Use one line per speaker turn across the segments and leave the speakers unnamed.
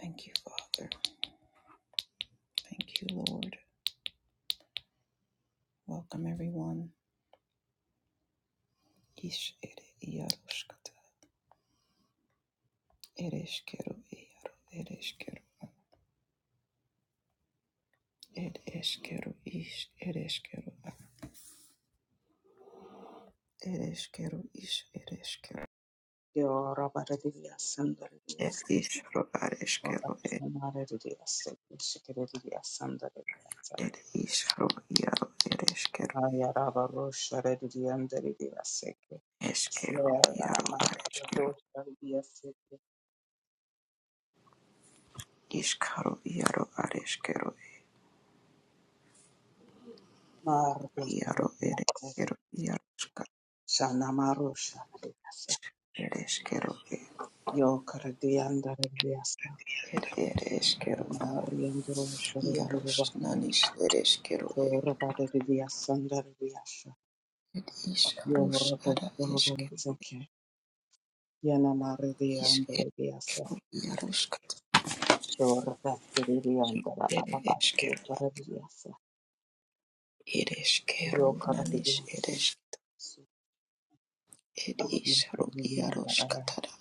Thank you, Father. Thank you, Lord. Welcome, everyone. Ish ere iaroshkata. Ereshkero iaro. Ereshkero. Ed ish. Ereshkero. Ereshkero ish. Ereshkero.
Yo Robert Dias and the
Ed
Dias
ishro areshkero. Ed
Robert Dias Shikere Dias and the Dias
ishro iaro. Ereshkero.
Aya Raba Rosha Redi and the Dias Yeah
Eshkero iaro
Rama
areshkero.
Dosha Dias
Ishkaro iaro areshkero.
Mardo
Iaro
Dias
ereshkero iaroshkata.
Shana Marosha Dias
Ereshkero.
Yo Karadi and the Dias
Ed ereshkero.
Marian Rosha
Iaros nanis ereskero
Yo
e-
Robert Dias and the Dias
et is
Yo
arus
Rodo
ara eskero
Zeke Yana
is
Maria
ero iaros kat
Sure, Vasiri and
ere
Rababa,
eskero
Toradias,
ereskero nanis
Yokaradias,
eres et is ro iaros
Yokaradiandara,
katara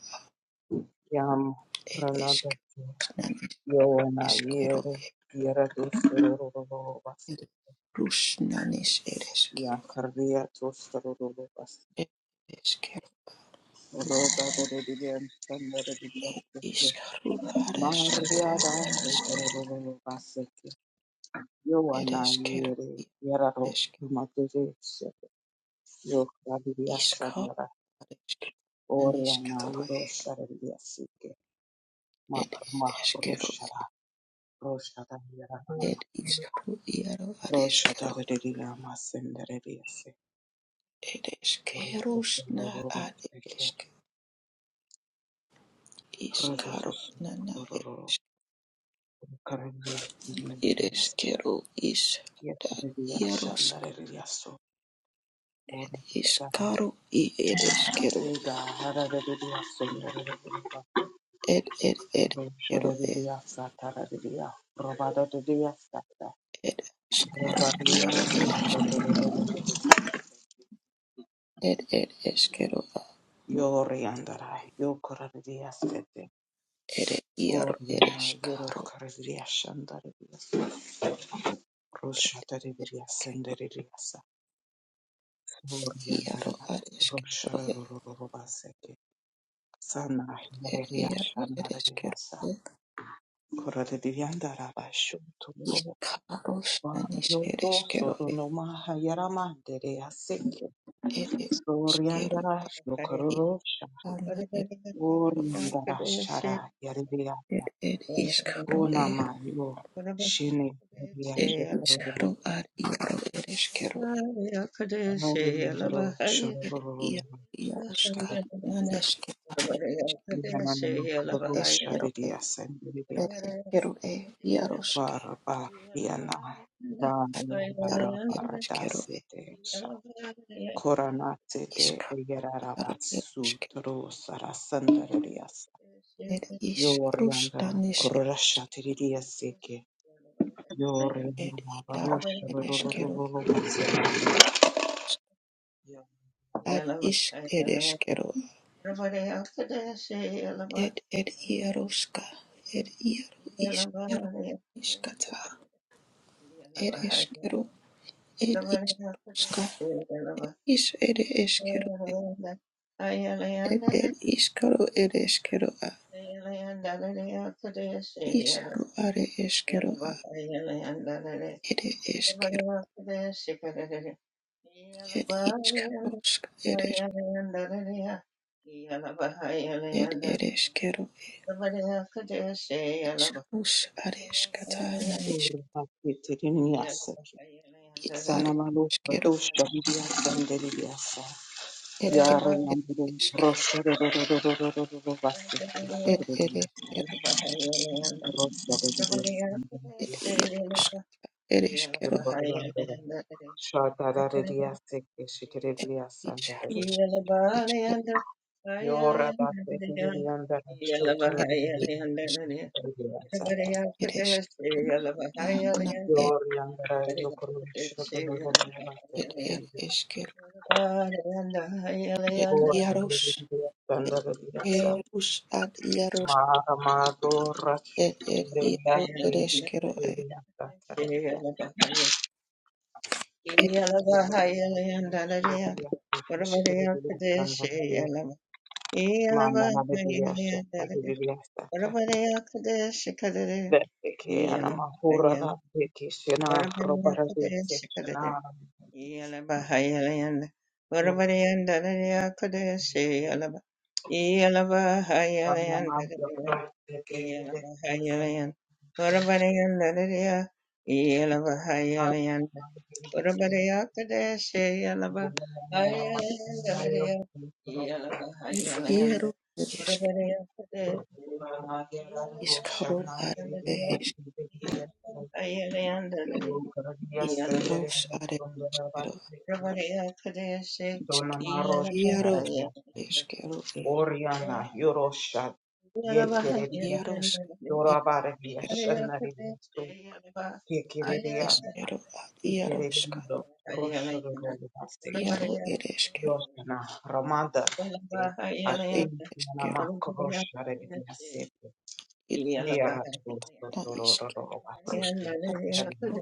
Yam, Ranada,
ereskero nanis
Yoana,
eskero
Yere,
e-
Yera Dusturovas,
et rus nanis ereskero
Yakardia Tostorovas,
et eskero
Roda Rodidian, Sandaridias,
et is ro ares
Maria
katara nanis
Rovas, Yoana,
ereskero
Yere, Yeraro,
ereskero
Maturis,
is kar
Yokaradias,
ereskero nanis
Oriana
katara
Roshara Yasike
Ed
Mapama
eskero
Roshara Roshara Yara
ed iskaru iaro ad
Roshara
eskero
Rila Masendere Yase
ed eskerus na
Roba
ad
Teke
esk
Rosos
iskaru nana ed
Roro Karabia
ed
Yase
eskero is ad
Yasendere
iaros
Shandare Yaso Orisana
iskaru i ed eskero
Vega Harare Yasendere
ed ed ed eskero
Roshara
ed
Yasa Taradia Robada Yasa
ed eskaru
Robada
iaro ed es-
Yasa
ed ed eskero ad
Yoriandara, Yokoradiasete,
ed iaro ed
Oriana,
eskaru
Yorokaradiashandarias,
ed
Roshatariliasenderiasa, Oriandara,
iaro ad eskero
Rosharorobaseke, Sana,
ed ed iaro ed
Yariashanariasa,
eskero
Koradiandara, Shuturo,
Iskaro Spanish
Yoto,
ereskero ed
Sotonoma, Yarama, Dereaseke,
ed iskero
Yeah.
Oriandara, Yokorosha,
iskana
Oriandara, Shara,
eskero ed ed iskaro ed
Unamayo shini ya
ed iskaro
shororo
ar iaro ereskero ed
amori ndoro
ed
shororo
ia iaroska
shikariya
naneske
yana na
ed
makaro
eskero ed
shariya sendiriya
ed eskero ed iaroske
bara bara yana bara
ad iaro
bara bara
ereskero ed
dasete sha korana tete
iska
yarara
iaro
basu
ereskero
toro sarasandariya
ed
yori andara
isrustanish
korora shatiriya seke yori
ed
andara baro
iaro
shororo
ereskero ad ish ereshkero, ed ed iaroshka, ed iaro ishkero, ishkata, ereshkero, ed ishkaroshka, ish ereshkero, ed ed ishkaro ereshkero, a isharo are eshkero, a
Yeah.
ere eshkero,
Yeah.
ed ishkaroshk, eresh, ed ereshkero, ed ishkarosh areshkata, nanish,
Urbakitiriniasaki.
ed
Sanamalo
areshkero,
Badosha Vidiasandelia.
ed ed
Yara Yambu
ereshkero,
Rosa Vasiki
ed
Sukridia.
ereshkero,
Rosa
ir
Vidiasandelia.
iešk ir išgeriu
Yorandara. Shatara Ridiasiki
ir
Shikridia
išrūš
Sandaria.
Yeah.
išgeriu
Yora Basikiriandara Shutrubia.
ir iešk ir išgeriu gana ir
Yoriandara Yokurum
ir ir
Shutrubia.
išgeriu ir
Ora
ierūš
ndereria
ir
sandarariasa
ierūš ad ierūš
mara madora
ir ir
ndeya
ieru ir išgeriu
sekereria sakareria
ir
yaruya ndereria sekereria sandarariya mana naderia sakareria
Ora
saka
bariya kadesh kadere,
veke ana
yala
mahura
Bayan
da peki sena
Urabariya
robarari
Kudaya Sikadaya
sena
yala
so ramna ma yakra peke yareria sandarariya Dona
ir ieru ir išk iškaru ar ir
Yeah.
išk išrūš ar išgeriu išk ierūš
Marosha,
išgeriu ir
Oriana, Yorosha, Yekereria,
ierūš ir
Dorabaradia,
išgeriu
Shanaridia,
ir
Yekereria,
išgeriu ad ierūš
Yekereria, Rosha, Rogasteke.
Iaro ereskero
Yoshana Ramada
ed
Ashim
ereskero
Yanama Korosha Rediasete
ed
Nera
na
toro
iske rus
Vasete
areskero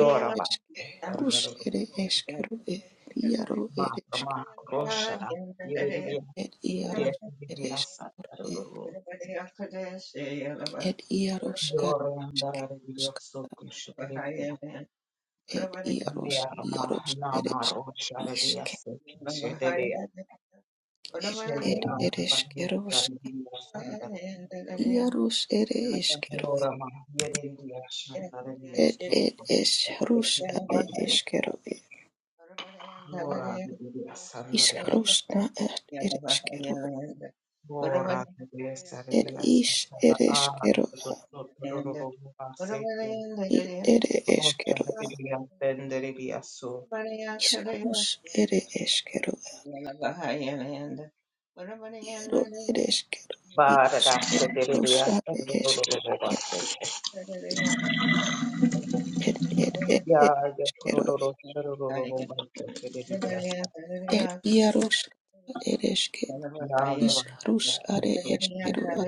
ed eske rus ere
Batandoro
eskero ed iaro eresk
Makrama Roshara Yedia
ed iaros ereskero ed
Yasataro
ed iaros
Yore Andara
areskeros
Dioso Kushukredia
ed iaros
Nerma
iaros
Nama
eresk
Rosha
iske
Rediaseke Shededia
ed ed
Shedea Badia
ereskeros
Sandaria
iaros ere eskero
Ora Maria del Riacho, andare via
ed ed
sotto.
es rus are eskero ed
Ora devi andare via.
Iskarusna at ereskero
Ora devi essere
Ed
via.
is ere
Ah,
ereskeroa,
sotto loro secchi.
id
Yeah.
ere
Conoscere
eskeroa,
devi
Yeah.
attendere via su.
iskarus ere eskeroa, iaro ereskero,
Bara da sedere
iskeros
via.
are
Loro
eskero, ed
secchi.
ed ed
Ya,
ed
ya,
eskero,
loro loro secchi. Devi via.
ed iarus ereske,
Ya, loro.
iskarus are eskeroa,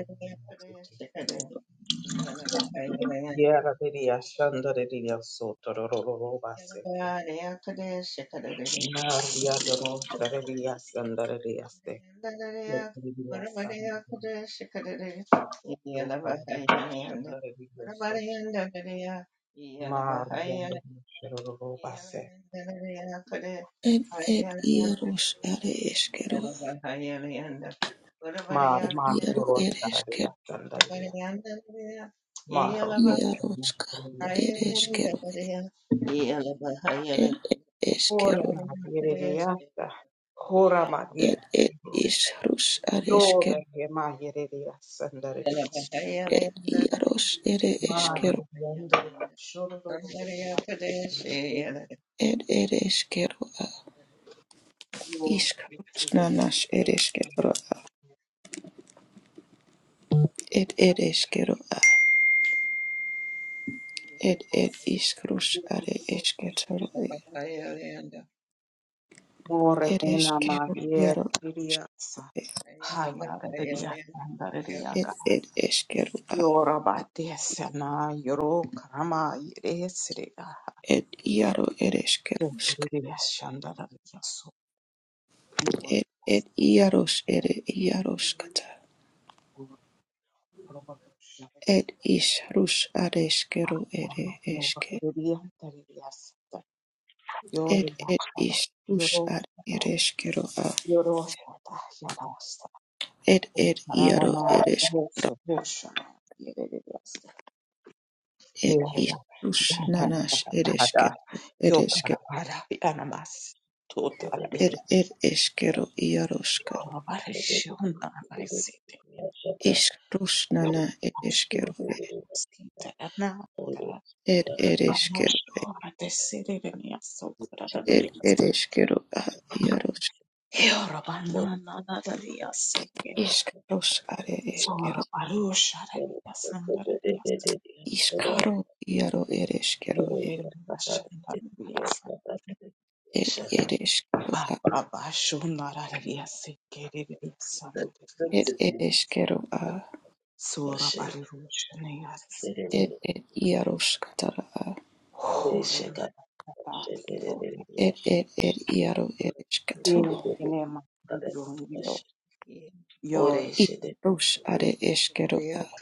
Yara diria shandare diria soto rororo baseke. Maria doro dare diria shandare
Yeah.
diria se. Yara diria shandare. Yo para diria shandare diria so. Maria doro shandare base.
ed ed iarus are eskeroa,
Mar
ed
mar
iaro
doro
ere
dare diria
ereskero,
shandare diria. Mar doro
iaroska
shandare diria.
ereskero, ed ed
Ora
eskero,
na yere diria sa. Ora ma diria.
ed ed iskarus
Yo
are
de ma yere diria shandare diria.
Yeah,
Ed iaros ere
Vara
eskero,
ikiendelea shororo
ed ere eskero a, iskaros nanas ere esketoro a, ed ere eskero a, ed ed iskaros are esketoro e,
Yelabaria,
More
ed
ena
eskero
mavie
iaro a,
kiriaksa
eske,
haya reria
ed
andariaka
ed eskero a,
yora batesa na yoro karama yeresrega
ed iaro ere eskeroska,
tetriria shandara yaso
ed ed iaros ere iaroskata, ed isrus are eskero ere eske,
Yore
ed ed
bashkata,
isrus
yoro
are ere eskero a.
Yoroshata yarosta
Ed ed iaro
marama
eresk
roso rosha yerereasta
ed
yereya
isrus nanas
bahada
eresketo ereske
yokara bara yanamas totari
ed ed eskero iaroska
bara shona maisete
isrus nana
shuna
ereskero
sita na kara
ed
bara
ereskero
shora desirere niya sokora
ed
dadiasta
ereskero a iaros
yoro banana dadadiasta
isrus are
sora
eskero
barusha dadiasta
iskaro iaro ereskero ed ereskero a ed ereskero a ed ed iaroskatara a ed ed ed iaro ereskato Ish rosh are eskero a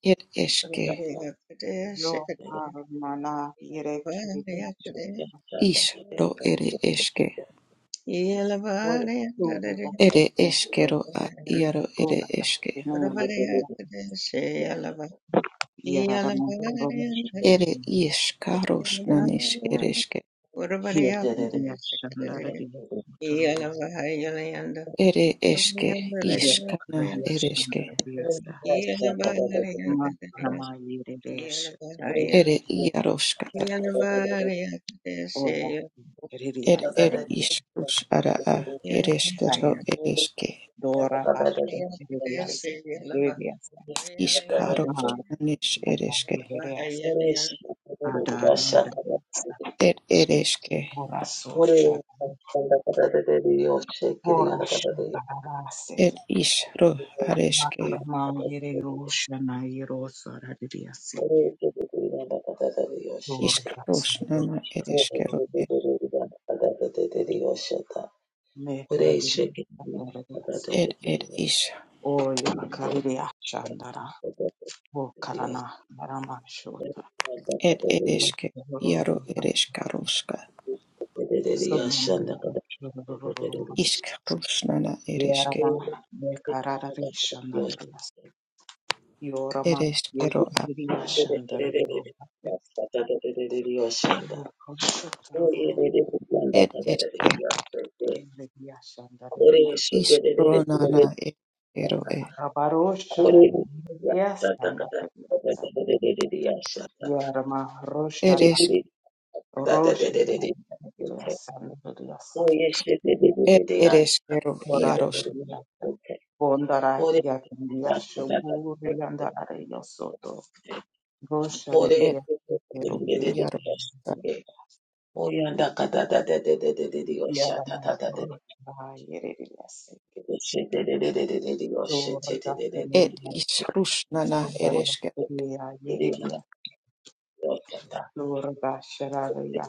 er eske. Ish ro ere eske. Ere eskero a iaro ere eske.
Good morning,
Ere iskaros nanis ereske.
Hina karibia shamba redia utororo
Ere eske
ya
iskana
karibia shamba
ereske.
redia sta ma rama yeredia shadidia
Ere iaroskata.
ora redia
Er er
dandere
iskus ara a ereskero
anama
ereske.
dora ashi redia si redia sta
Iskaros
ma
nanis
ada
ereske.
yeredia sta ada yeredia sta
Er ereske.
ora sosha ora shamba
Er
rasete
isro
ma
areske.
rama yeredia shana yerosa redia seke ora gatsa
Iskaros nana ereskero e.
Mekerere andorere so
Ed ed ish
oya karere achandara o karana arama shota
ed ereske
rororo
iaro ereskaroska
so namara rororo
isk rusnana ereske
yerara me karara rishandara yorama ye
ereskero a
kiri achandara rororo shota rororo
ed eske
kiri achandara
isk ronana ereskero e
rabarosha yes andara yerama rosha
ereske
rosha
ed ereskero
Kora
iaros
Ariata, Bondara Yakandia Shoguri and Arayo Soto, Gosha
ed
Redia,
ero
Redia,
iaro
Yarama, Rocha, Yeridias, Lord
ed
Dakarina,
ish rusnana
Sora
ereske
Dakaria, Yeridia, Lord Dashararia,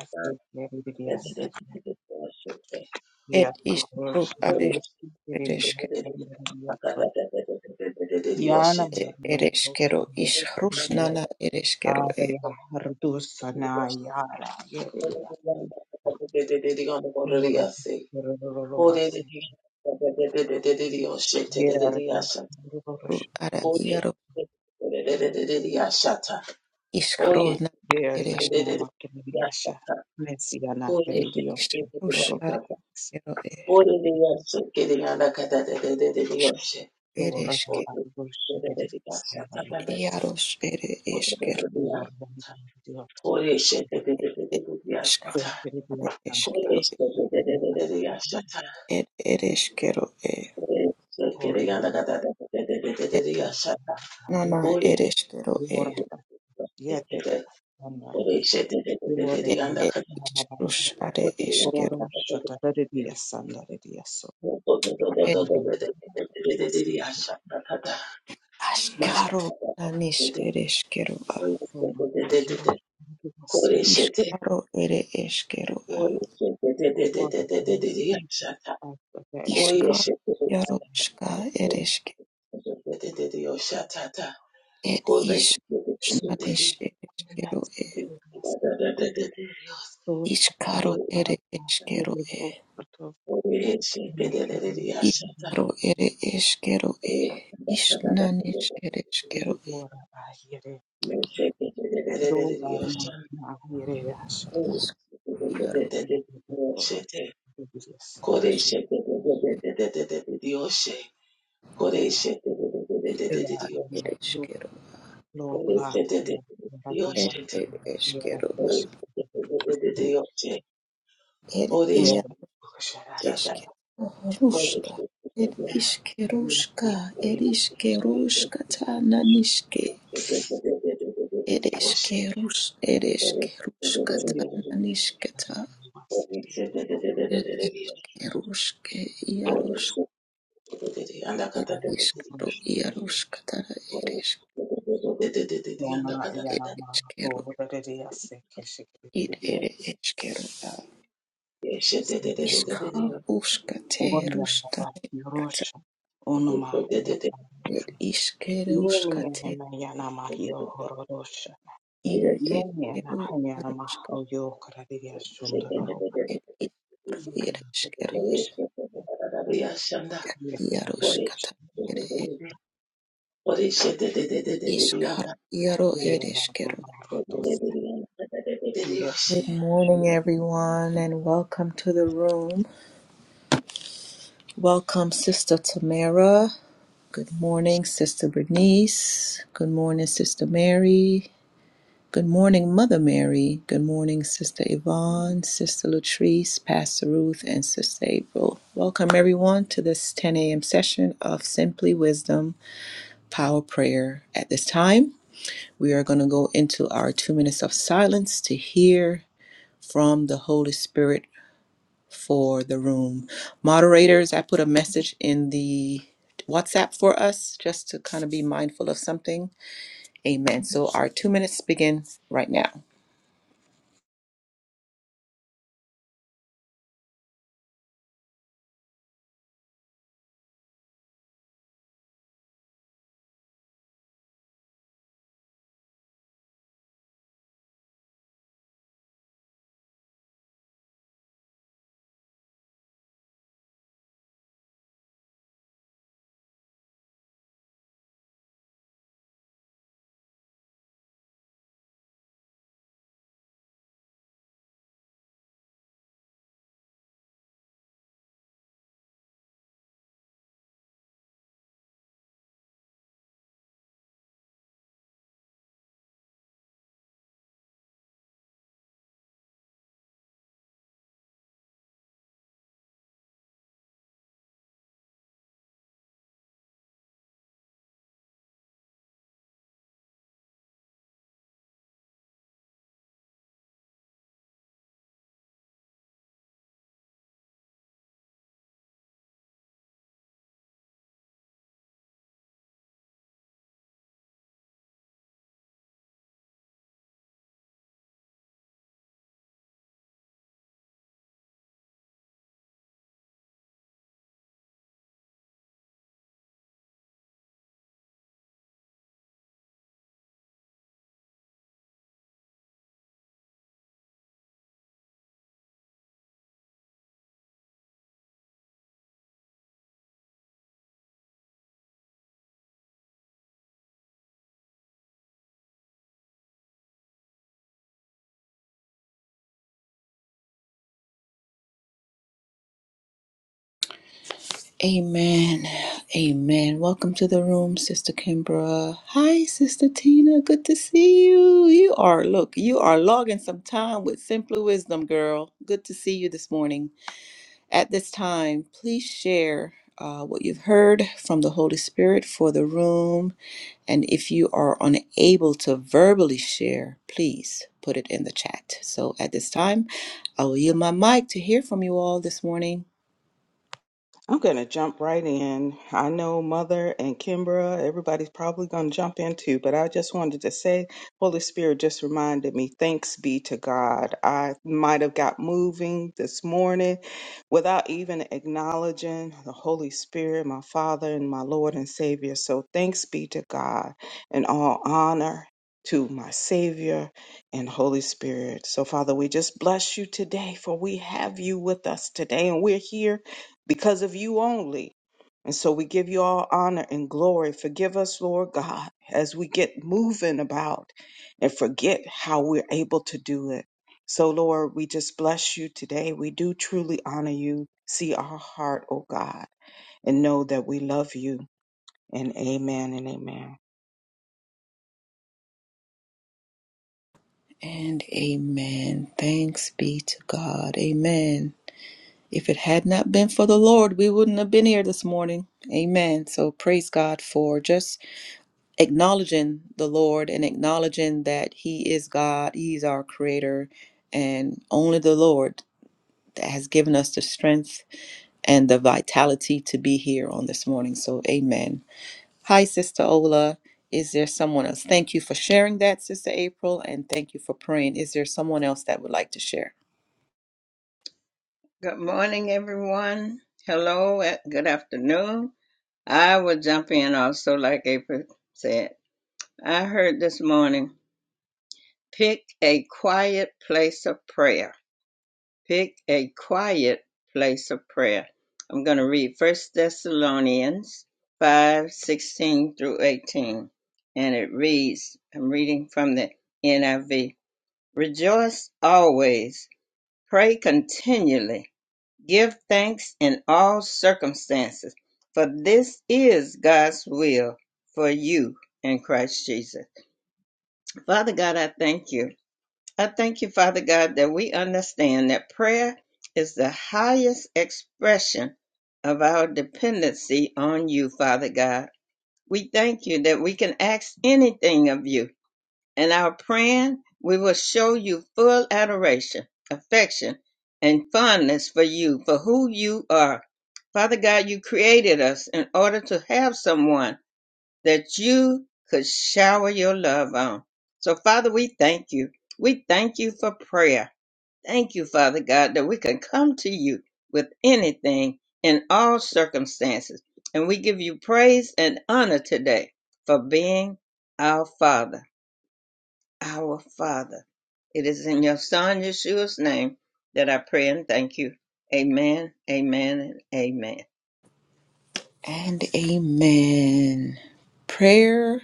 Yeridias,
ed ish ru
Yakurosh,
ares ereske
Yeridia, Yana
ed
Maria,
ereskero
Rocha,
ish
Yeridia,
rusnana ereskero e
Arya, Hardusana, Yara,
ru ara iaro isk rona Ed ish rush are ero ed eske iaros ere eskero ed iskaro eskero ed ed eskero e ed nana ed eskero e ed ed ish are eskero ed askaro nanis ere eskero a
Yes, that
iskaro ere eskero a
one of the very yes,
iskaro
so
iaroska
yes,
ere eske ed ish nanis ere
yes, so um,
Ishkaro
part
ere
of my
eskero
yearly
e.
old sort of maternity
Ishkaro ere eskero e. Ishnanish ere eskero e.
or I hear it, though I'm not now here, I shall have
Iaro
the doors to be yes, they
askida ad ere
are
eskero.
low black, yeah, Rabia,
Ed ere
yeah,
eskero ad ed
yeah,
ia
Shall I?
eskero. Ruska. Ed
Yeah,
iskeruska.
yeah,
Ed
yeah,
iskeruska tananiske. Ed eskerus. Ed eskeruska
see it,
tananiske ta.
I
Ed eskeruske El
must
iskero iaruskatara eres
Ona
el
yalama doğruları yassı
id
keşikleri
ere eskero a iska uskate
Oryanda
rustane kata
yorosha onuma yapa
el iskero
yeni
uskate
eneme yanama yo hororosha
ire
yeni ena
eskero
yanama
iaruska
yo kararı yaşundururu
el iskero ere eskero
tebediyasha ye tebediyasha
iaruskata ere iskaro iaro ere
yerana marotos ye
Good morning, everyone, and welcome to the room. Welcome, Sister Tamara. Good morning, Sister Bernice. Good morning, Sister Mary. Good morning, Mother Mary. Good morning, Sister Yvonne, Sister Latrice, Pastor Ruth, and Sister April. Welcome, everyone, to this 10 a.m. session of Simply Wisdom Power Prayer. At this time, we are going to go into our two minutes of silence to hear from the Holy Spirit for the room. Moderators, I put a message in the WhatsApp for us just to kind of be mindful of something. Amen. So our two minutes begin right now. Amen. Amen. Welcome to the room, Sister Kimbra. Hi, Sister Tina. Good to see you. You are, look, you are logging some time with Simply Wisdom, girl. Good to see you this morning. At this time, please share uh, what you've heard from the Holy Spirit for the room. And if you are unable to verbally share, please put it in the chat. So at this time, I will yield my mic to hear from you all this morning.
I'm going to jump right in. I know Mother and Kimbra, everybody's probably going to jump in too, but I just wanted to say, Holy Spirit just reminded me, thanks be to God. I might have got moving this morning without even acknowledging the Holy Spirit, my Father and my Lord and Savior. So thanks be to God and all honor to my Savior and Holy Spirit. So, Father, we just bless you today, for we have you with us today, and we're here because of you only. And so we give you all honor and glory. Forgive us, Lord God, as we get moving about and forget how we're able to do it. So, Lord, we just bless you today. We do truly honor you. See our heart, oh God, and know that we love you. And amen and amen.
And amen. Thanks be to God. Amen. If it had not been for the Lord, we wouldn't have been here this morning. Amen. So praise God for just acknowledging the Lord and acknowledging that He is God, He's our creator, and only the Lord that has given us the strength and the vitality to be here on this morning. So, amen. Hi, Sister Ola. Is there someone else? Thank you for sharing that, Sister April, and thank you for praying. Is there someone else that would like to share?
everyone. Hello, eh, good afternoon. I will jump in also, like April said. I heard this morning pick a quiet place of prayer. Pick a quiet place of prayer. I'm going to read First Thessalonians 5 16 through 18. And it reads I'm reading from the NIV Rejoice always, pray continually. Give thanks in all circumstances, for this is God's will for you in Christ Jesus. Father God, I thank you. I thank you, Father God, that we understand that prayer is the highest expression of our dependency on you, Father God. We thank you that we can ask anything of you and our praying, we will show you full adoration, affection, and fondness for you, for who you are. Father God, you created us in order to have someone that you could shower your love on. So, Father, we thank you. We thank you for prayer. Thank you, Father God, that we can come to you with anything in all circumstances. And we give you praise and honor today for being our Father our Father. It is in your Son Yeshua's name that I pray and thank you. Amen, amen, and amen.
And amen. Prayer.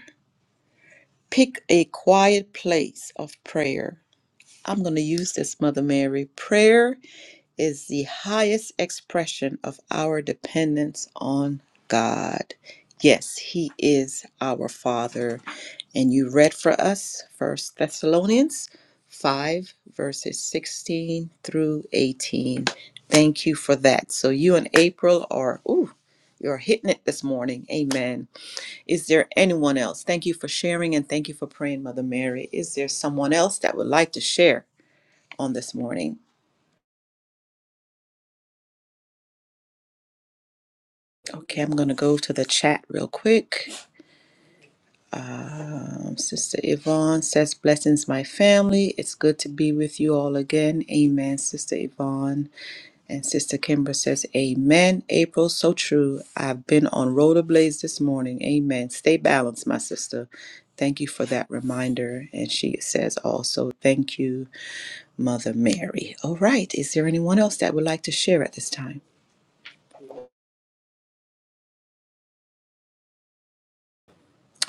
Pick a quiet place of prayer. I'm going to use this, Mother Mary. Prayer is the highest expression of our dependence on God. Yes, He is our Father. And you read for us First Thessalonians 5, verses 16 through 18. Thank you for that. So you and April are, ooh, you're hitting it this morning. Amen. Is there anyone else? Thank you for sharing and thank you for praying, Mother Mary. Is there someone else that would like to share on this morning? Okay, I'm going to go to the chat real quick. Um, Sister Yvonne says, Blessings, my family. It's good to be with you all again. Amen, Sister Yvonne. And Sister Kimber says, Amen. April, so true. I've been on rollerblades this morning. Amen. Stay balanced, my sister. Thank you for that reminder. And she says also, Thank you, Mother Mary. All right. Is there anyone else that would like to share at this time?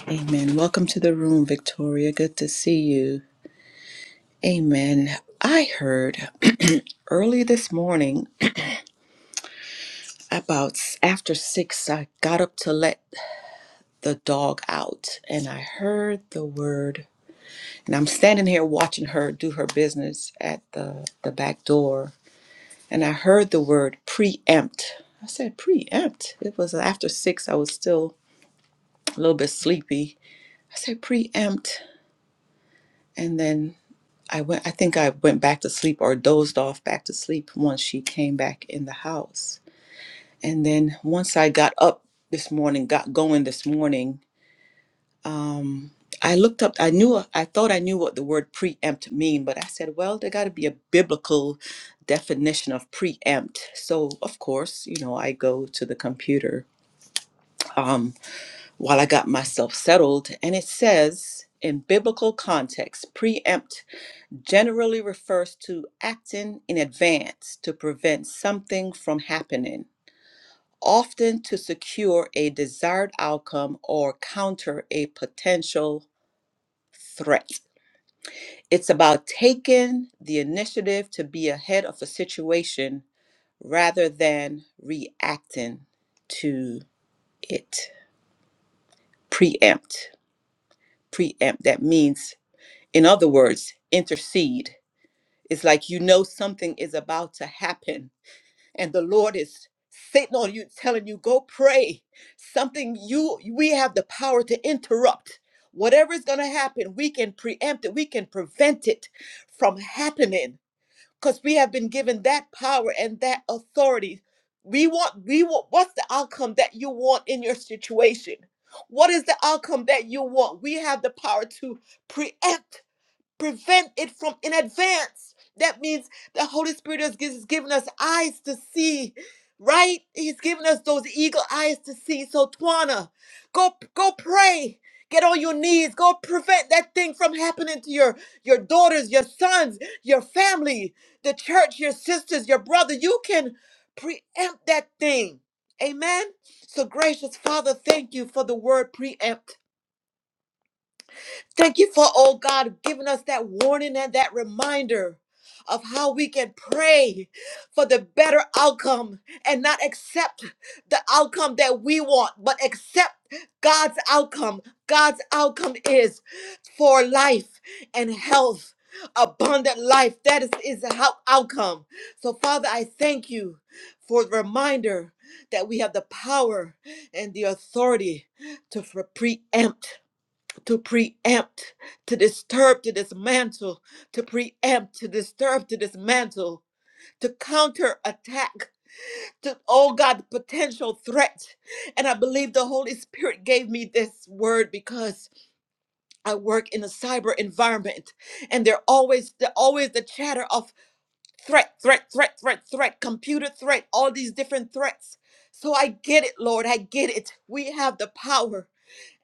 Amen. Welcome to the room, Victoria. Good to see you. Amen. I heard early this morning about s- after six, I got up to let the dog out and I heard the word. And I'm standing here watching her do her business at the, the back door. And I heard the word preempt. I said, preempt. It was after six. I was still a little bit sleepy. I said, preempt. And then I went, I think I went back to sleep or dozed off back to sleep once she came back in the house. And then once I got up this morning, got going this morning, um, I looked up, I knew, I thought I knew what the word preempt mean, but I said, well, there got to be a biblical definition of preempt. So, of course, you know, I go to the computer um, while I got myself settled, and it says, in biblical context, preempt generally refers to acting in advance to prevent something from happening often to secure a desired outcome or counter a potential threat. It's about taking the initiative to be ahead of a situation rather than reacting to it. Preempt. Preempt. That means, in other words, intercede. It's like you know something is about to happen and the Lord is sitting on you, telling you, go pray. Something you we have the power to interrupt. Whatever is gonna happen, we can preempt it, we can prevent it from happening. Because we have been given that power and that authority. We want, we want what's the outcome that you want in your situation? What is the outcome that you want? We have the power to preempt prevent it from in advance. That means the Holy Spirit has gives- given us eyes to see, right? He's given us those eagle eyes to see. So Twana, go go pray. Get on your knees. Go prevent that thing from happening to your your daughters, your sons, your family, the church, your sisters, your brother. You can preempt that thing. Amen. So gracious Father, thank you for the word preempt. Thank you for, oh God, giving us that warning and that reminder of how we can pray for the better outcome and not accept the outcome that we want, but accept God's outcome. God's outcome is for life and health, abundant life. That is, is the hou- outcome. So, Father, I thank you for the reminder that we have the power and the authority to pre- preempt to preempt, to disturb, to dismantle, to preempt, to disturb, to dismantle, to counterattack. to, oh God, the potential threat. And I believe the Holy Spirit gave me this word because I work in a cyber environment and they're always, they're always the chatter of threat, threat, threat, threat, threat, computer threat, all these different threats. So I get it, Lord. I get it. We have the power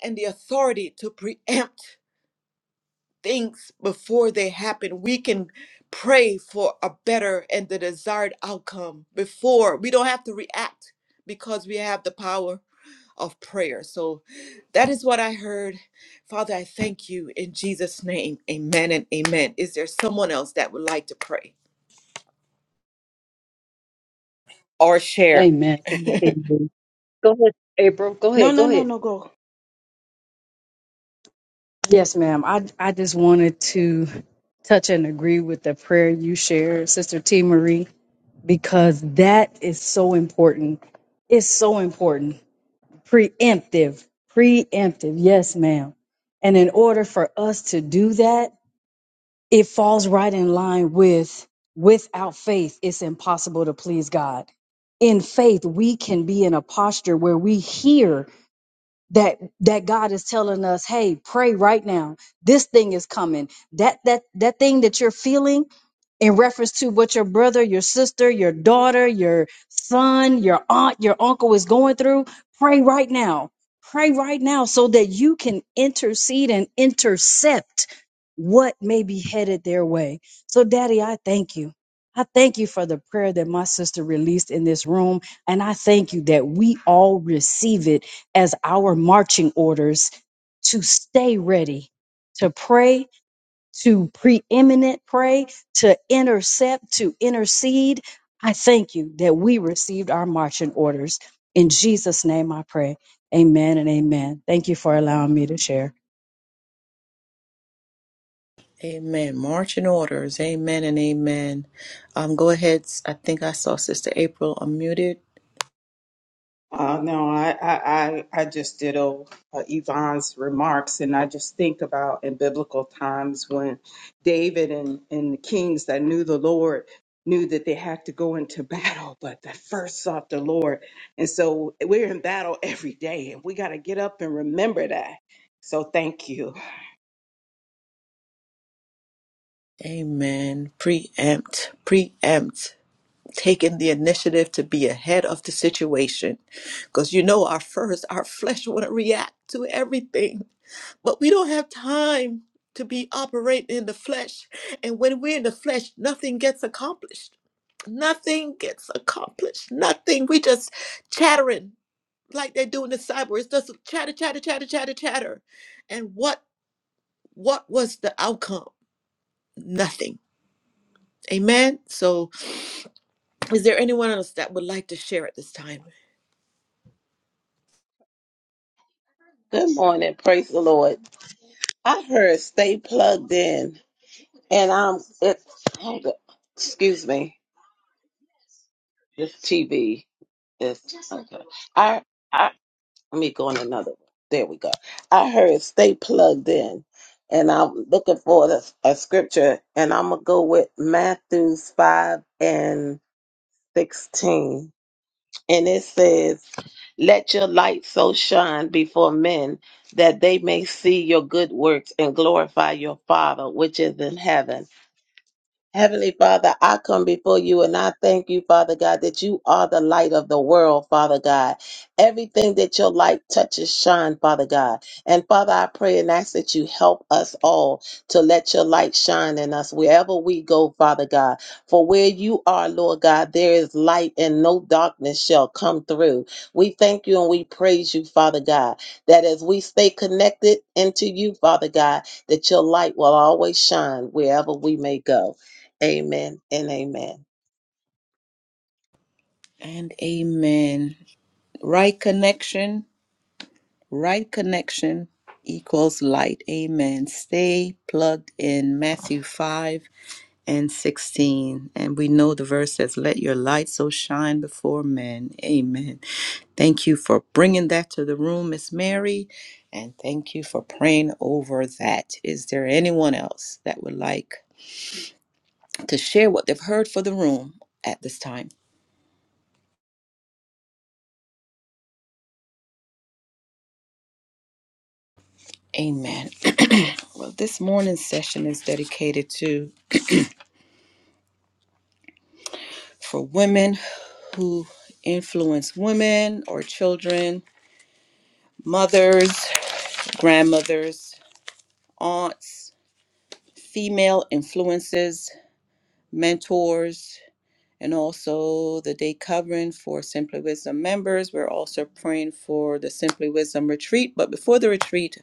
and the authority to preempt things before they happen. We can pray for a better and the desired outcome before. We don't have to react because we have the power of prayer. So that is what I heard. Father, I thank you in Jesus' name. Amen and amen. Is there someone else that would like to pray or share?
Amen, Sister
No,
T. B. Go ahead, April. Go ahead.
no,
Go
no,
ahead.
no, go.
Yes, ma'am. I, I just wanted to touch and agree with the prayer you shared, Sister T. Marie, because that is so important. It's so important. Preemptive. Preemptive. Yes, ma'am. And in order for us to do that, it falls right in line with without faith, it's impossible to please God. In faith, we can be in a posture where we hear that that God is telling us, "Hey, pray right now. This thing is coming. That that that thing that you're feeling in reference to what your brother, your sister, your daughter, your son, your aunt, your uncle is going through, pray right now. Pray right now so that you can intercede and intercept what may be headed their way. So, Daddy, I thank you. I thank you for the prayer that my sister released in this room. And I thank you that we all receive it as our marching orders to stay ready, to pray, to preeminent pray, to intercept, to intercede. I thank you that we received our marching orders. In Jesus' name I pray. Amen and amen. Thank you for allowing me to share.
Amen. Marching orders. Amen and amen. Um, go ahead. I think I saw Sister April unmuted.
Uh, no, I, I, I I just ditto uh, Yvonne's remarks, and I just think about in biblical times when David and, and the kings that knew the Lord knew that they had to go into battle, but they first sought the Lord. And so we're in battle every day, and we got to get up and remember that. So thank you.
Amen. Preempt. Preempt. taking the initiative to be ahead of the situation because you know our first our flesh want to react to everything but we don't have time to be operating in the flesh and when we're in the flesh nothing gets accomplished nothing gets accomplished nothing we just chattering like they do in the cyber it's just chatter chatter chatter chatter chatter and what what was the outcome nothing amen so is there anyone else that would like to share at this time
This TV is okay. I I let me go on another one. There we go. I heard stay plugged in, and I'm looking for the, a scripture, and I'm gonna go with Matthew's five and sixteen, and it says, "Let your light so shine before men that they may see your good works and glorify your Father which is in heaven." Heavenly Father, I come before you and I thank you, Father God, that you are the light of the world, Father God. Everything that your light touches shine, Father God. And Father, I pray and ask that you help us all to let your light shine in us wherever we go, Father God. For where you are, Lord God, there is light and no darkness shall come through. We thank you and we praise you, Father God, that as we stay connected into you, Father God, that your light will always shine wherever we may go. Amen and amen.
And amen. Right connection, right connection equals light. Amen. Stay plugged in Matthew 5 and 16. And we know the verse says, Let your light so shine before men. Amen. Thank you for bringing that to the room, Miss Mary. And thank you for praying over that. Is there anyone else that would like to share what they've heard for the room at this time? Amen. well, this morning's session is dedicated to for women who influence women or children, mothers, grandmothers, aunts, female influences, mentors, and also the day covering for Simply Wisdom members. We're also praying for the Simply Wisdom retreat, but before the retreat,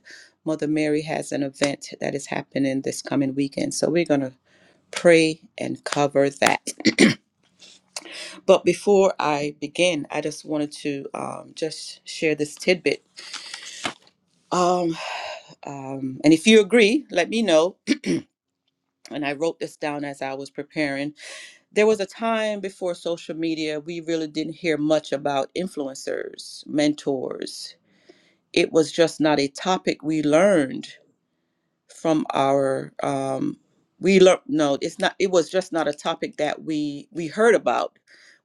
Mother Mary has an event that is happening this coming weekend. So we're going to pray and cover that. But before I begin, I just wanted to um, just share this tidbit. Um, um, and if you agree, let me know. And I wrote this down as I was preparing. There was a time before social media, we really didn't hear much about influencers, mentors. It was just not a topic we learned from our um we learned no it's not it was just not a topic that we we heard about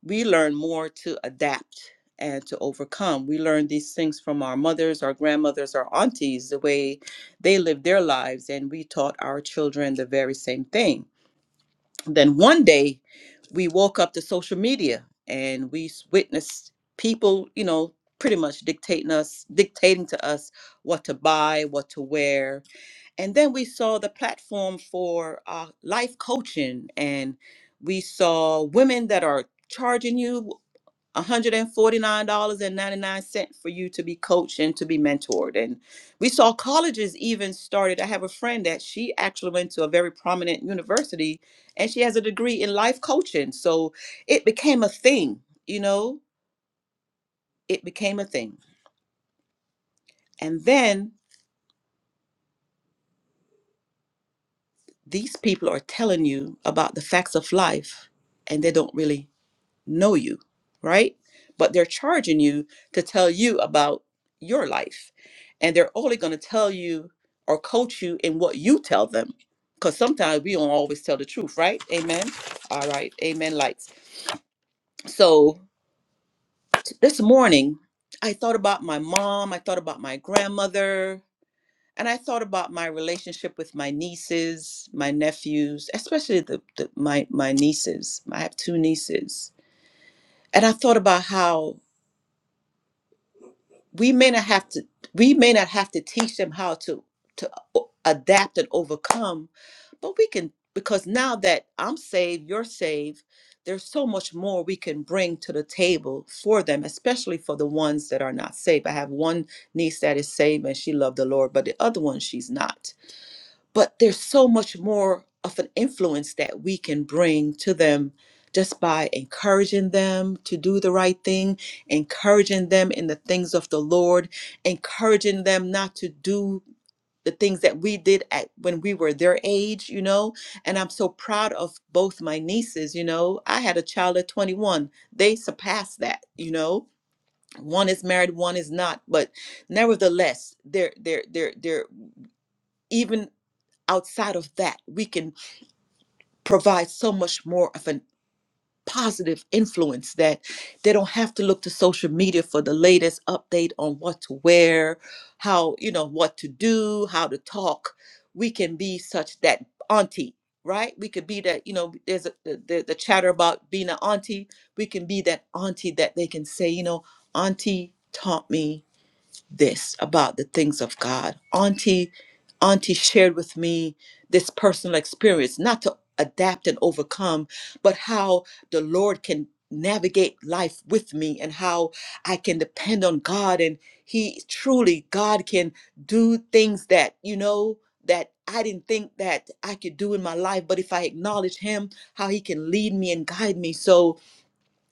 we learn more to adapt and to overcome we learn these things from our mothers our grandmothers our aunties the way they lived their lives and we taught our children the very same thing then one day we woke up to social media and we s- witnessed people you know pretty much dictating us dictating to us what to buy what to wear and then we saw the platform for uh, life coaching and we saw women that are charging you $149.99 for you to be coached and to be mentored and we saw colleges even started i have a friend that she actually went to a very prominent university and she has a degree in life coaching so it became a thing you know it became a thing and then these people are telling you about the facts of life and they don't really know you, right? But they're charging you to tell you about your life. And they're only going to tell you or coach you in what you tell them. Because sometimes we don't always tell the truth, right? Amen. All right. Amen. Lights. So t- this morning, I thought about my mom. I thought about my grandmother. And I thought about my relationship with my nieces, my nephews, especially the, the my my nieces. I have two nieces. And I thought about how we may not have to we may not have to teach them how to to o- adapt and overcome but we can because now that i'm saved you're saved there's so much more we can bring to the table for them especially for the ones that are not saved i have one niece that is saved and she loved the lord but the other one she's not but there's so much more of an influence that we can bring to them just by encouraging them to do the right thing, encouraging them in the things of the Lord, encouraging them not to do the things that we did at when we were their age, you know. And I'm so proud of both my nieces, you know. I had a child at 21. They surpassed that, you know. One is married, one is not, but nevertheless, they're they're they're they're even outside of that we can provides so much more of a positive influence that they don't have to look to social media for the latest update on what to wear, how, you know, what to do, how to talk. We can be such that auntie, right? We could be that, you know, there's a, the, the the chatter about being an auntie. We can be that auntie that they can say, you know, auntie taught me this about the things of God. Auntie, Auntie shared with me this personal experience, not to adapt and overcome, but how the Lord can navigate life with me and how I can depend on God and he truly God can do things that, you know, that I didn't think that I could do in my life, but if I acknowledge him, how he can lead me and guide me. So,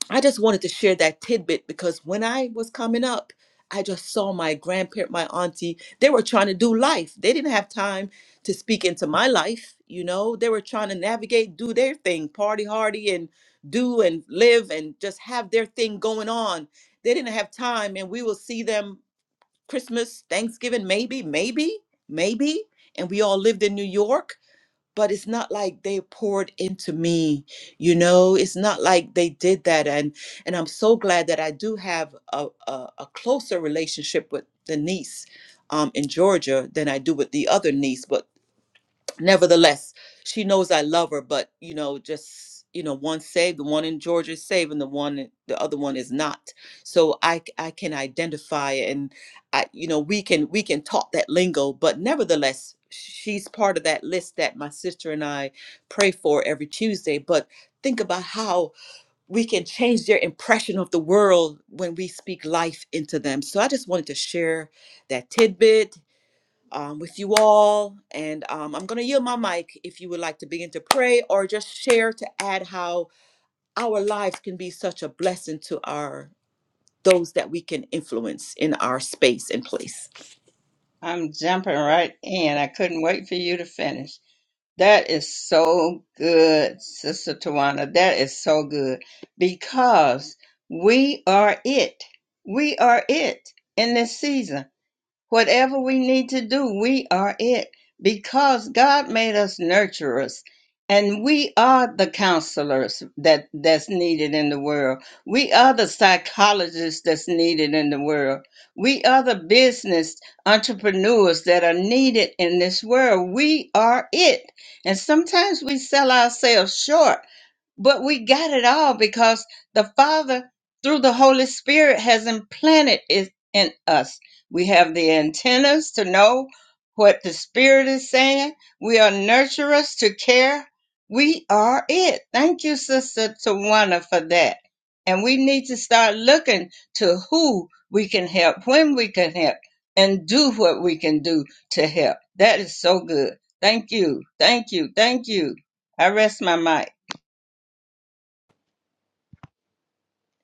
I just wanted to share that tidbit because when I was coming up, I just saw my grandparent, my auntie, they were trying to do life. They didn't have time to speak into my life, you know. They were trying to navigate, do their thing, party hardy and do and live and just have their thing going on. They didn't have time and we will see them Christmas, Thanksgiving, maybe, maybe, maybe. And we all lived in New York but it's not like they poured into me you know it's not like they did that and and i'm so glad that i do have a, a, a closer relationship with the niece um, in georgia than i do with the other niece but nevertheless, she knows I love her, but you know, just you know, one saved, the one in Georgia is saved, and the one, in- the other one is not. So I, c- I can identify, and I, you know, we can, we can talk that lingo, but nevertheless, she's part of that list that my sister and I pray for every Tuesday. But think about how we can change their impression of the world when we speak life into them. So I just wanted to share that tidbit um, with you all. And um, I'm going to yield my mic if you would like to begin to pray or just share to add how our lives can be such a blessing to our those that we can influence in our space and place.
I'm jumping right in. I couldn't wait for you to finish. That is so good, Sister Tawana. That is so good because we are it. We are it in this season Whatever we need to do, we are it because God made us nurturers and we are the counselors that that's needed in the world. We are the psychologists that's needed in the world. We are the business entrepreneurs that are needed in this world. We are it. And sometimes we sell ourselves short but we got it all because the Father, through the Holy Spirit, has implanted it in us. We have the antennas to know what the Spirit is saying. We are nurturers to care. We are it. Thank you, Sister Tawana, for that. And we need to start looking to who we can help, when we can help, and do what we can do to help. That is so good. Thank you. Thank you. Thank you. I rest my mic.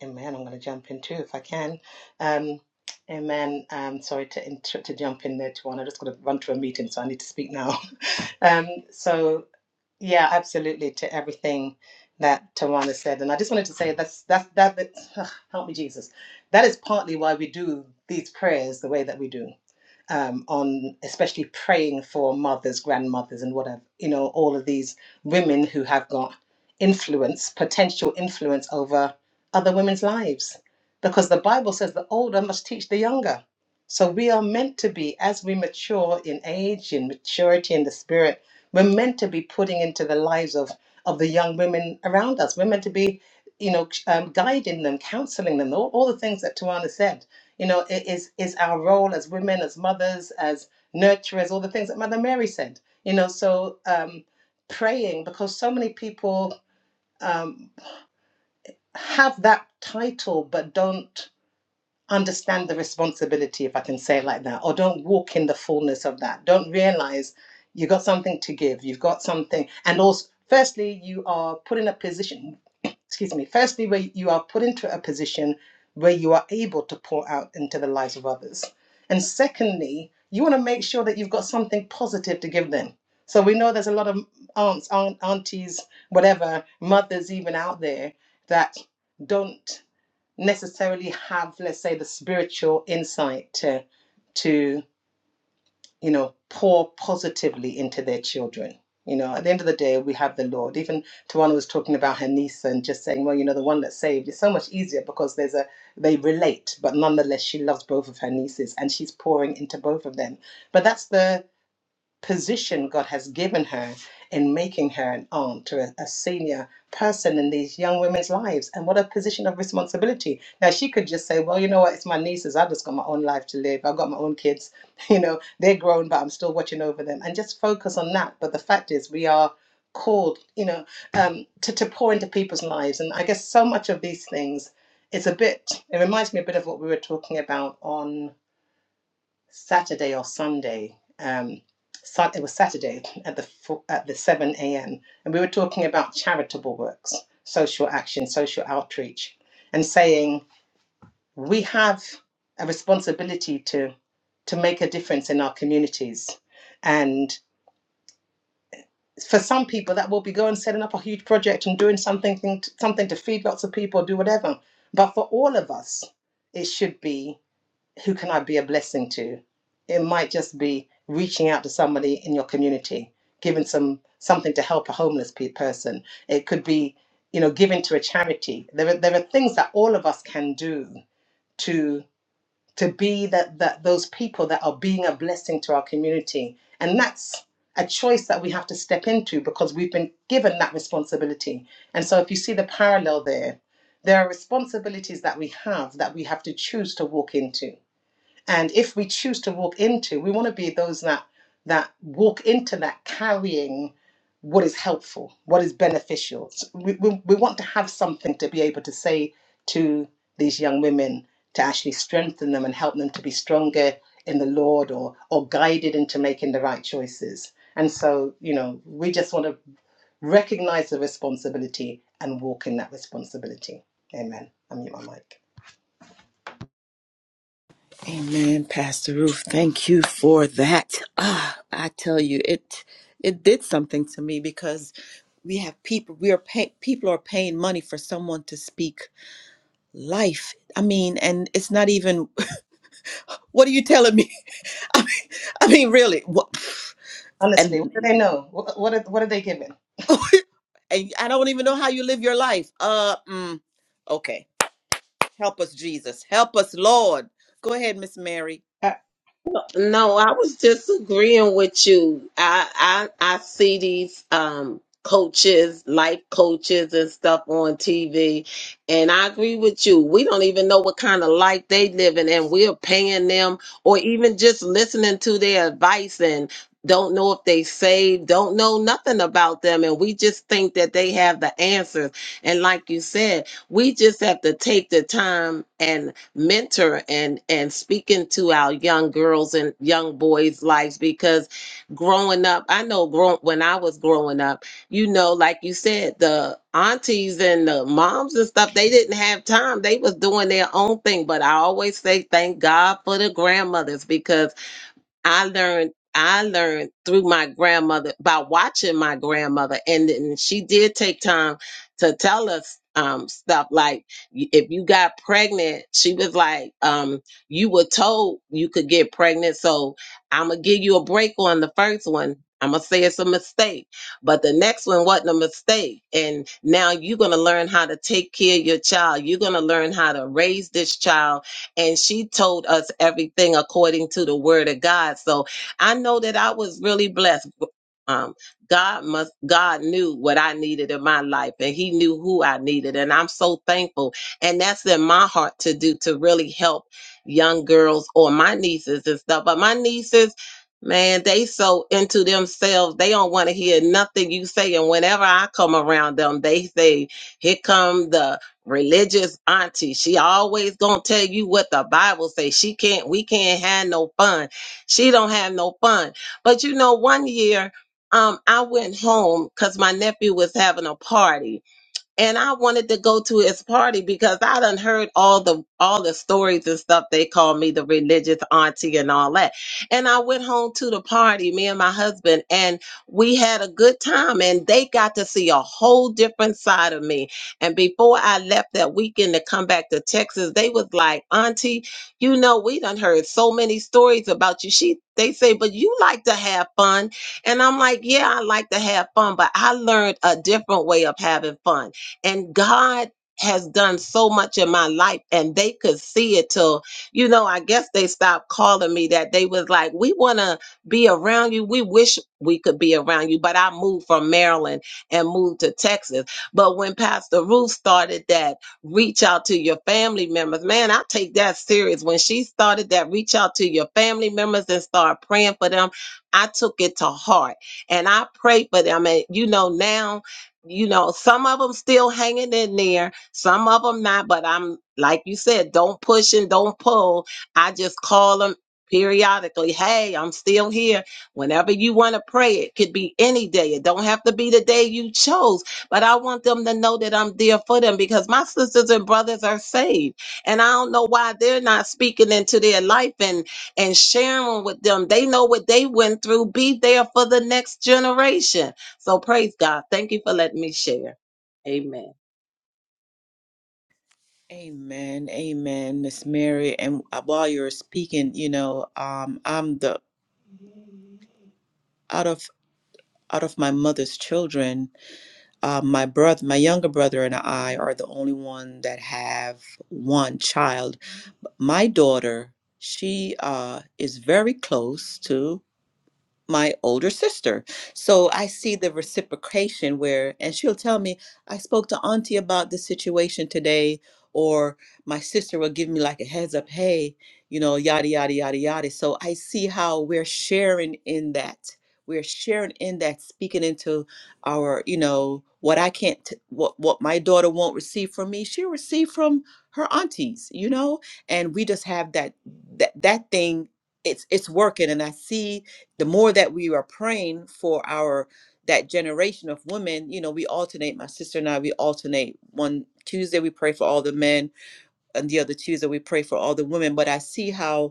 Amen. I'm going to jump in too if I can. Um, amen. Um, sorry to inter- to jump in there, Tawana. I just got to run to a meeting, so I need to speak now. Um, so yeah, absolutely to everything that Tawana said, and I just wanted to say that's that's that. that help me, Jesus. That is partly why we do these prayers the way that we do um, on especially praying for mothers, grandmothers, and whatever, you know, all of these women who have got influence, potential influence over other women's lives. Because the Bible says the older must teach the younger. So we are meant to be, as we mature in age, in maturity, in the spirit, we're meant to be putting into the lives of, of the young women around us. We're meant to be, you know, um, guiding them, counseling them, all, all the things that Tawana said you know, it is is our role as women, as mothers, as nurturers, all the things that Mother Mary said. You know, so um, praying because so many people um, have that title but don't understand the responsibility, if I can say it like that, or don't walk in the fullness of that. Don't realize you've got something to give. You've got something. And also, firstly, you are put in a position, excuse me, firstly, where you are put into a position where you are able to pour out into the lives of others. And secondly, you want to make sure that you've got something positive to give them. So we know there's a lot of aunts, aunt, aunties, whatever, mothers even out there that don't necessarily have, let's say, the spiritual insight to to you know pour positively into their children. You know, at the end of the day, we have the Lord. Even Tawana was talking about her niece and just saying, well, you know, the one that's saved is so much easier because there's a they relate, but nonetheless, she loves both of her nieces and she's pouring into both of them. But that's the position God has given her in making her an aunt to a, a senior person in these young women's lives. And what a position of responsibility. Now, she could just say, Well, you know what? It's my nieces. I've just got my own life to live. I've got my own kids. You know, they're grown, but I'm still watching over them and just focus on that. But the fact is, we are called, you know, um, to, to pour into people's lives. And I guess so much of these things. It's a bit, it reminds me a bit of what we were talking about on Saturday or Sunday. Um, it was Saturday at the at the seven a.m. and we were talking about charitable works, social action, social outreach, and saying we have a responsibility to to make a difference in our communities. And for some people, that will be going setting up a huge project and doing something something to feed lots of people, do whatever. But for all of us, it should be who can I be a blessing to? It might just be reaching out to somebody in your community, giving some something to help a homeless pe- person. It could be, you know, giving to a charity. There are there are things that all of us can do to to be that that those people that are being a blessing to our community, and that's a choice that we have to step into because we've been given that responsibility. And so, if you see the parallel there, there are responsibilities that we have that we have to choose to walk into and if we choose to walk into we want to be those that that walk into that carrying what is helpful what is beneficial S- we, we, we want to have something to be able to say to these young women to actually strengthen them and help them to be stronger in the lord or or guided into making the right choices and so you know we just want to recognize the responsibility and walk in that responsibility amen i mute my mic
Amen, Pastor Ruth. Thank you for that. Ah, I tell you, it it did something to me because we have people we are pay, people are paying money for someone to speak life. I mean, and it's not even what are you telling me? I mean, I mean really, what? And
honestly what do they know what, what, are, what are they given
and I don't even know how you live your life. Uh, mm, okay. Help us, Jesus. Help us, Lord. Go ahead, Miss Mary.
No, I was disagreeing with you. I I I see these um coaches, life coaches and stuff on TV. And I agree with you. We don't even know what kind of life they living and we're paying them or even just listening to their advice and don't know if they saved, don't know nothing about them. And we just think that they have the answers. And like you said, we just have to take the time mentor and and speaking to our young girls and young boys lives because growing up i know grow, when i was growing up you know like you said the aunties and the moms and stuff they didn't have time they was doing their own thing but i always say thank god for the grandmothers because I learned I learned through my grandmother by watching my grandmother, and, then she did take time to tell us um, stuff like y- if you got pregnant, she was like, um, "You were told you could get pregnant, so I'm gonna give you a break on the first one." I'm gonna say it's a mistake, but the next one wasn't a mistake. And now you're gonna learn how to take care of your child. You're gonna learn how to raise this child and she told us everything according to the word of God. So I know that I was really blessed. Um, God must, God knew what I needed in my life and he knew who I needed. And I'm so thankful. And that's in my heart to do, to really help young girls or my nieces and stuff. But my nieces, man, they so into themselves. They don't want to hear nothing you say. And whenever I come around them, they say, here come the religious auntie. She always gonna tell you what the Bible says. She can't, we can't have no fun. She don't have no fun. But you know, one year, um, I went home because my nephew was having a party and I wanted to go to his party because I done heard all the all the stories and stuff. They called me the religious auntie and all that. And I went home to the party, me and my husband, and we had a good time. And they got to see a whole different side of me. And before I left that weekend to come back to Texas, they was like, "Auntie, you know we done heard so many stories about you." She they say, "But you like to have fun," and I'm like, "Yeah, I like to have fun, but I learned a different way of having fun." And God has done so much in my life and they could see it till you know i guess they stopped calling me that they was like we want to be around you we wish we could be around you but i moved from maryland and moved to texas but when pastor ruth started that reach out to your family members man i take that serious when she started that reach out to your family members and start praying for them i took it to heart and i prayed for them and you know now you know, some of them still hanging in there, some of them not. But I'm like you said, don't push and don't pull. I just call them periodically. Hey, I'm still here. Whenever you want to pray, it could be any day. It don't have to be the day you chose. But I want them to know that I'm there for them because my sisters and brothers are saved, and I don't know why they're not speaking into their life and and sharing with them. They know what they went through. Be there for the next generation so praise God. Thank you for letting me share. Amen.
Amen. Amen, Miss Mary. And uh, while you're speaking, you know, um, I'm the out of out of my mother's children, uh, my brother, my younger brother, and I are the only one that have one child. My daughter, she uh, is very close to. my older sister. So I see the reciprocation where, and she'll tell me, I spoke to Auntie about this situation today, or my sister will give me like a heads up, hey, you know, yada, yada, yada, yada. So I see how we're sharing in that. We're sharing in that, speaking into our, you know, what I can't, t- what what my daughter won't receive from me, she'll receive from her aunties, you know, and we just have that that that thing. It's it's working, and I see the more that we are praying for our that generation of women you know we alternate my sister and i we alternate one tuesday we pray for all the men and the other tuesday we pray for all the women but i see how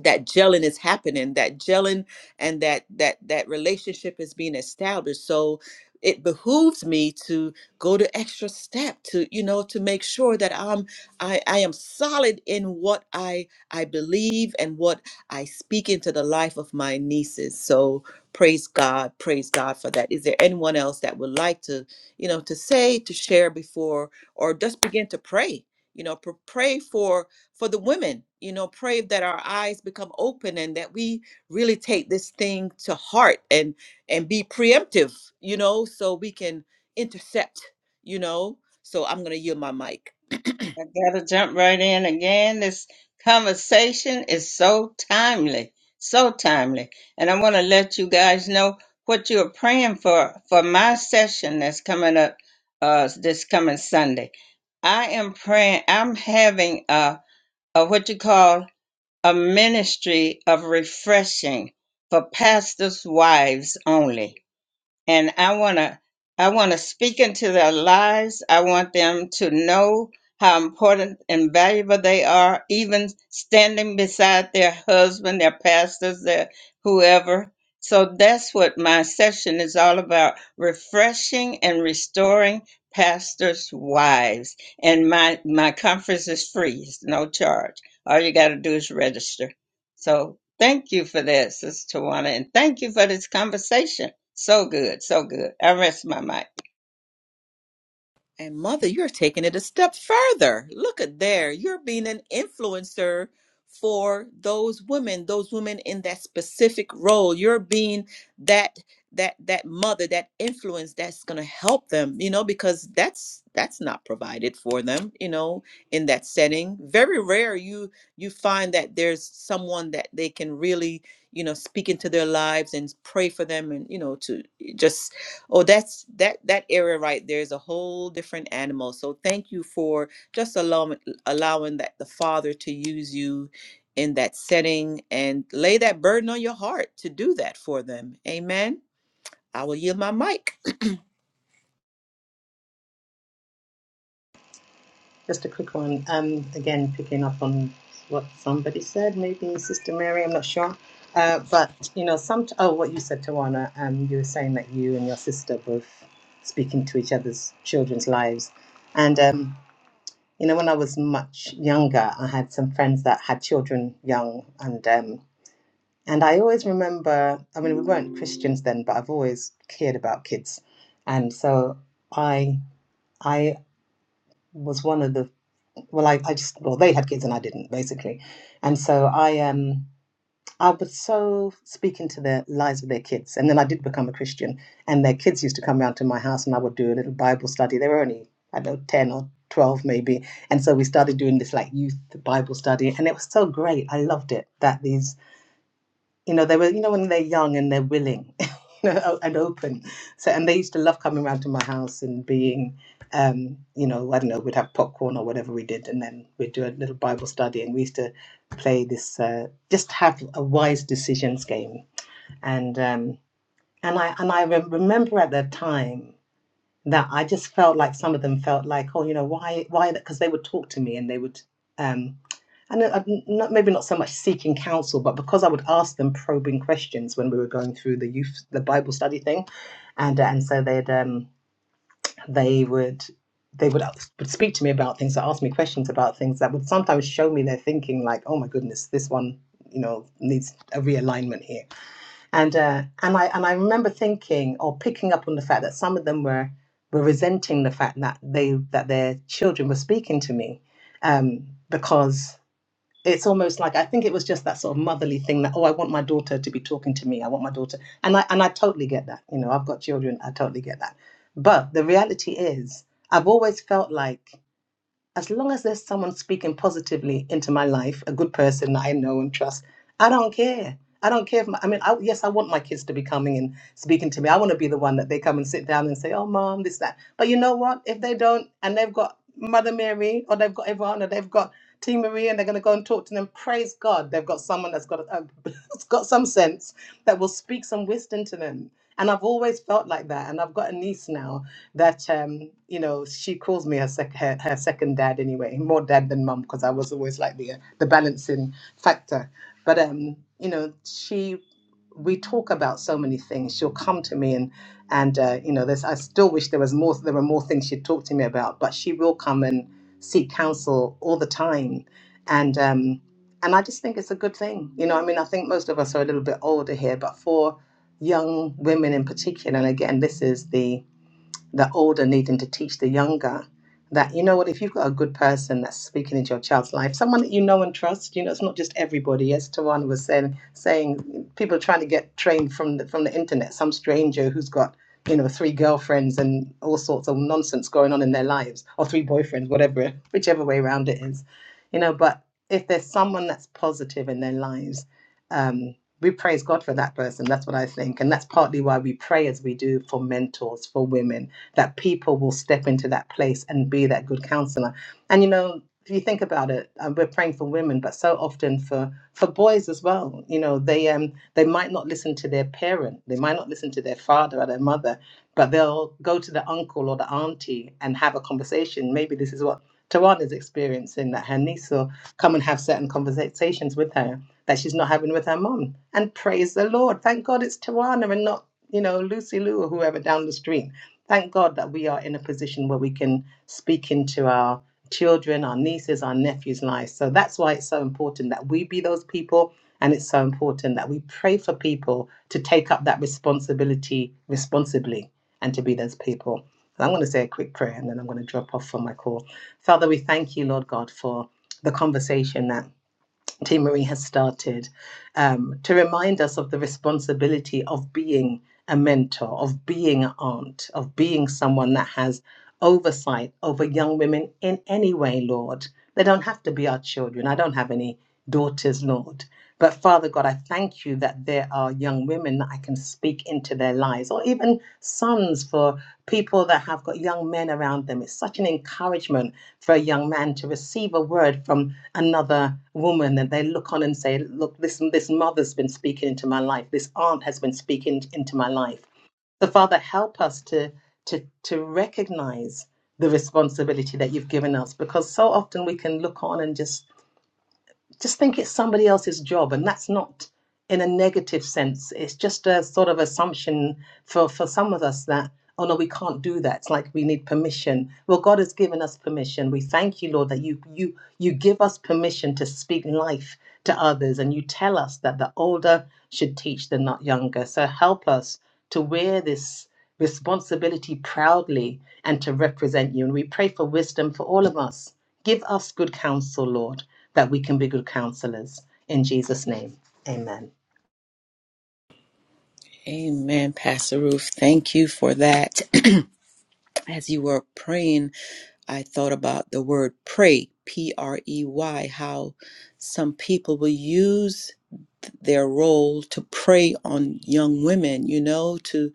that gelling is happening that gelling and that that that relationship is being established so it behooves me to go to extra step to you know to make sure that i'm i i am solid in what i i believe and what i speak into the life of my nieces so praise god praise god for that is there anyone else that would like to you know to say to share before or just begin to pray you know pr- pray for for the women. You know, pray that our eyes become open and that we really take this thing to heart and and be preemptive. You know, so we can intercept. You know, so I'm gonna yield my mic.
I gotta jump right in again. This conversation is so timely, so timely. And I want to let you guys know what you're praying for for my session that's coming up uh, this coming Sunday. I am praying, I'm having a, a what you call a ministry of refreshing for pastors' wives only and I want to I want to speak into their lives. I want them to know how important and valuable they are, even standing beside their husband, their pastors, their whoever. So that's what my session is all about: refreshing and restoring pastors' wives. And my my conference is free; it's no charge. All you got to do is register. So Thank you for that, Sister Tawana, and thank you for this conversation. So good, so good. I rest my mic.
And mother, you're taking it a step further. Look at there. You're being an influencer for those women, those women in that specific role. You're being that that that mother, that influence that's going to help them, you know, because that's that's not provided for them, you know, in that setting. Very rare you you find that there's someone that they can really, you know, speak into their lives and pray for them and, you know, to just Oh, that's that that area right there is a whole different animal. So thank you for just allowing allowing that the Father to use you in that setting and lay that burden on your heart to do that for them. Amen. I will yield my mic.
Just a quick one. Um, again, picking up on what somebody said, maybe Sister Mary, I'm not sure. Uh, but you know, some oh, what you said, Tawana. Um, you were saying that you and your sister both speaking to each other's children's lives, and um, you know, when I was much younger, I had some friends that had children young, and um, and I always remember. I mean, we weren't Christians then, but I've always cared about kids, and so I I was one of the well I, I just well they had kids and i didn't basically and so i um i was so speaking to the lives of their kids and then i did become a christian and their kids used to come round to my house and i would do a little bible study they were only i don't know 10 or 12 maybe and so we started doing this like youth bible study and it was so great i loved it that these you know they were you know when they're young and they're willing you know o- and open so and they used to love coming around to my house and being um you know i don't know we'd have popcorn or whatever we did and then we'd do a little bible study and we used to play this uh, just have a wise decisions game and um and i and i re- remember at that time that I just felt like some of them felt like, oh, you know, why, why? Because they would talk to me and they would, um, and uh, not, maybe not so much seeking counsel, but because I would ask them probing questions when we were going through the youth, the Bible study thing, and uh, and so they'd, um, they would, they would uh, would speak to me about things, or ask me questions about things that would sometimes show me their thinking, like, oh my goodness, this one, you know, needs a realignment here and uh, and I and I remember thinking or picking up on the fact that some of them were were resenting the fact that they that their children were speaking to me, um, because it's almost like I think it was just that sort of motherly thing that oh I want my daughter to be talking to me I want my daughter and I and I totally get that you know I've got children I totally get that, but the reality is I've always felt like as long as there's someone speaking positively into my life, a good person that I know and trust, I don't care. I don't care if my, I mean, I, yes, I want my kids to be coming and speaking to me. I want to be the one that they come and sit down and say, "Oh, mom, this that." But you know what? If they don't, and they've got Mother Mary, or they've got everyone, or they've got Team Marie, and they're going to go and talk to them. Praise God, they've got someone that's got a, that's got some sense that will speak some wisdom to them. And I've always felt like that. And I've got a niece now, that um, you know she calls me her, sec- her her second dad anyway, more dad than mum because I was always like the uh, the balancing factor. But um, you know she we talk about so many things. She'll come to me and and uh, you know there's I still wish there was more there were more things she'd talk to me about, but she will come and seek counsel all the time, and um, and I just think it's a good thing. You know, I mean, I think most of us are a little bit older here, but for young women in particular, and again, this is the the older needing to teach the younger that you know what if you've got a good person that's speaking into your child's life someone that you know and trust you know it's not just everybody as Tawana was saying saying people are trying to get trained from the, from the internet some stranger who's got you know three girlfriends and all sorts of nonsense going on in their lives or three boyfriends whatever whichever way around it is you know but if there's someone that's positive in their lives um we praise God for that person. That's what I think. And that's partly why we pray as we do for mentors, for women, that people will step into that place and be that good counselor. And you know, if you think about it, uh, we're praying for women, but so often for for boys as well. You know, they um they might not listen to their parent, they might not listen to their father or their mother, but they'll go to the uncle or the auntie and have a conversation. Maybe this is what Tawana is experiencing that her niece will come and have certain conversations with her that she's not having with her mom. And praise the Lord. Thank God it's Tawana and not, you know, Lucy Lou or whoever down the street Thank God that we are in a position where we can speak into our children, our nieces, our nephews' lives. So that's why it's so important that we be those people. And it's so important that we pray for people to take up that responsibility responsibly and to be those people. So I'm going to say a quick prayer and then I'm going to drop off for my call. Father, we thank you, Lord God, for the conversation that Team Marie has started um, to remind us of the responsibility of being a mentor, of being an aunt, of being someone that has oversight over young women in any way, Lord. They don't have to be our children. I don't have any daughters, Lord. But Father God, I thank you that there are young women that I can speak into their lives, or even sons for people that have got young men around them. It's such an encouragement for a young man to receive a word from another woman that they look on and say, Look, this, this mother's been speaking into my life, this aunt has been speaking into my life. So, Father, help us to, to, to recognize the responsibility that you've given us because so often we can look on and just just think it's somebody else's job and that's not in a negative sense. It's just a sort of assumption for, for some of us that, oh no, we can't do that. It's like we need permission. Well, God has given us permission. We thank you, Lord, that you you you give us permission to speak life to others and you tell us that the older should teach the not younger. So help us to wear this responsibility proudly and to represent you. And we pray for wisdom for all of us. Give us good counsel, Lord, that we can be good counselors. In Jesus' name. Amen.
Amen, Pastor Ruth. Thank you for that. As you were praying, I thought about the word pray, P R E Y, how some people will use their role to prey on young women, you know, to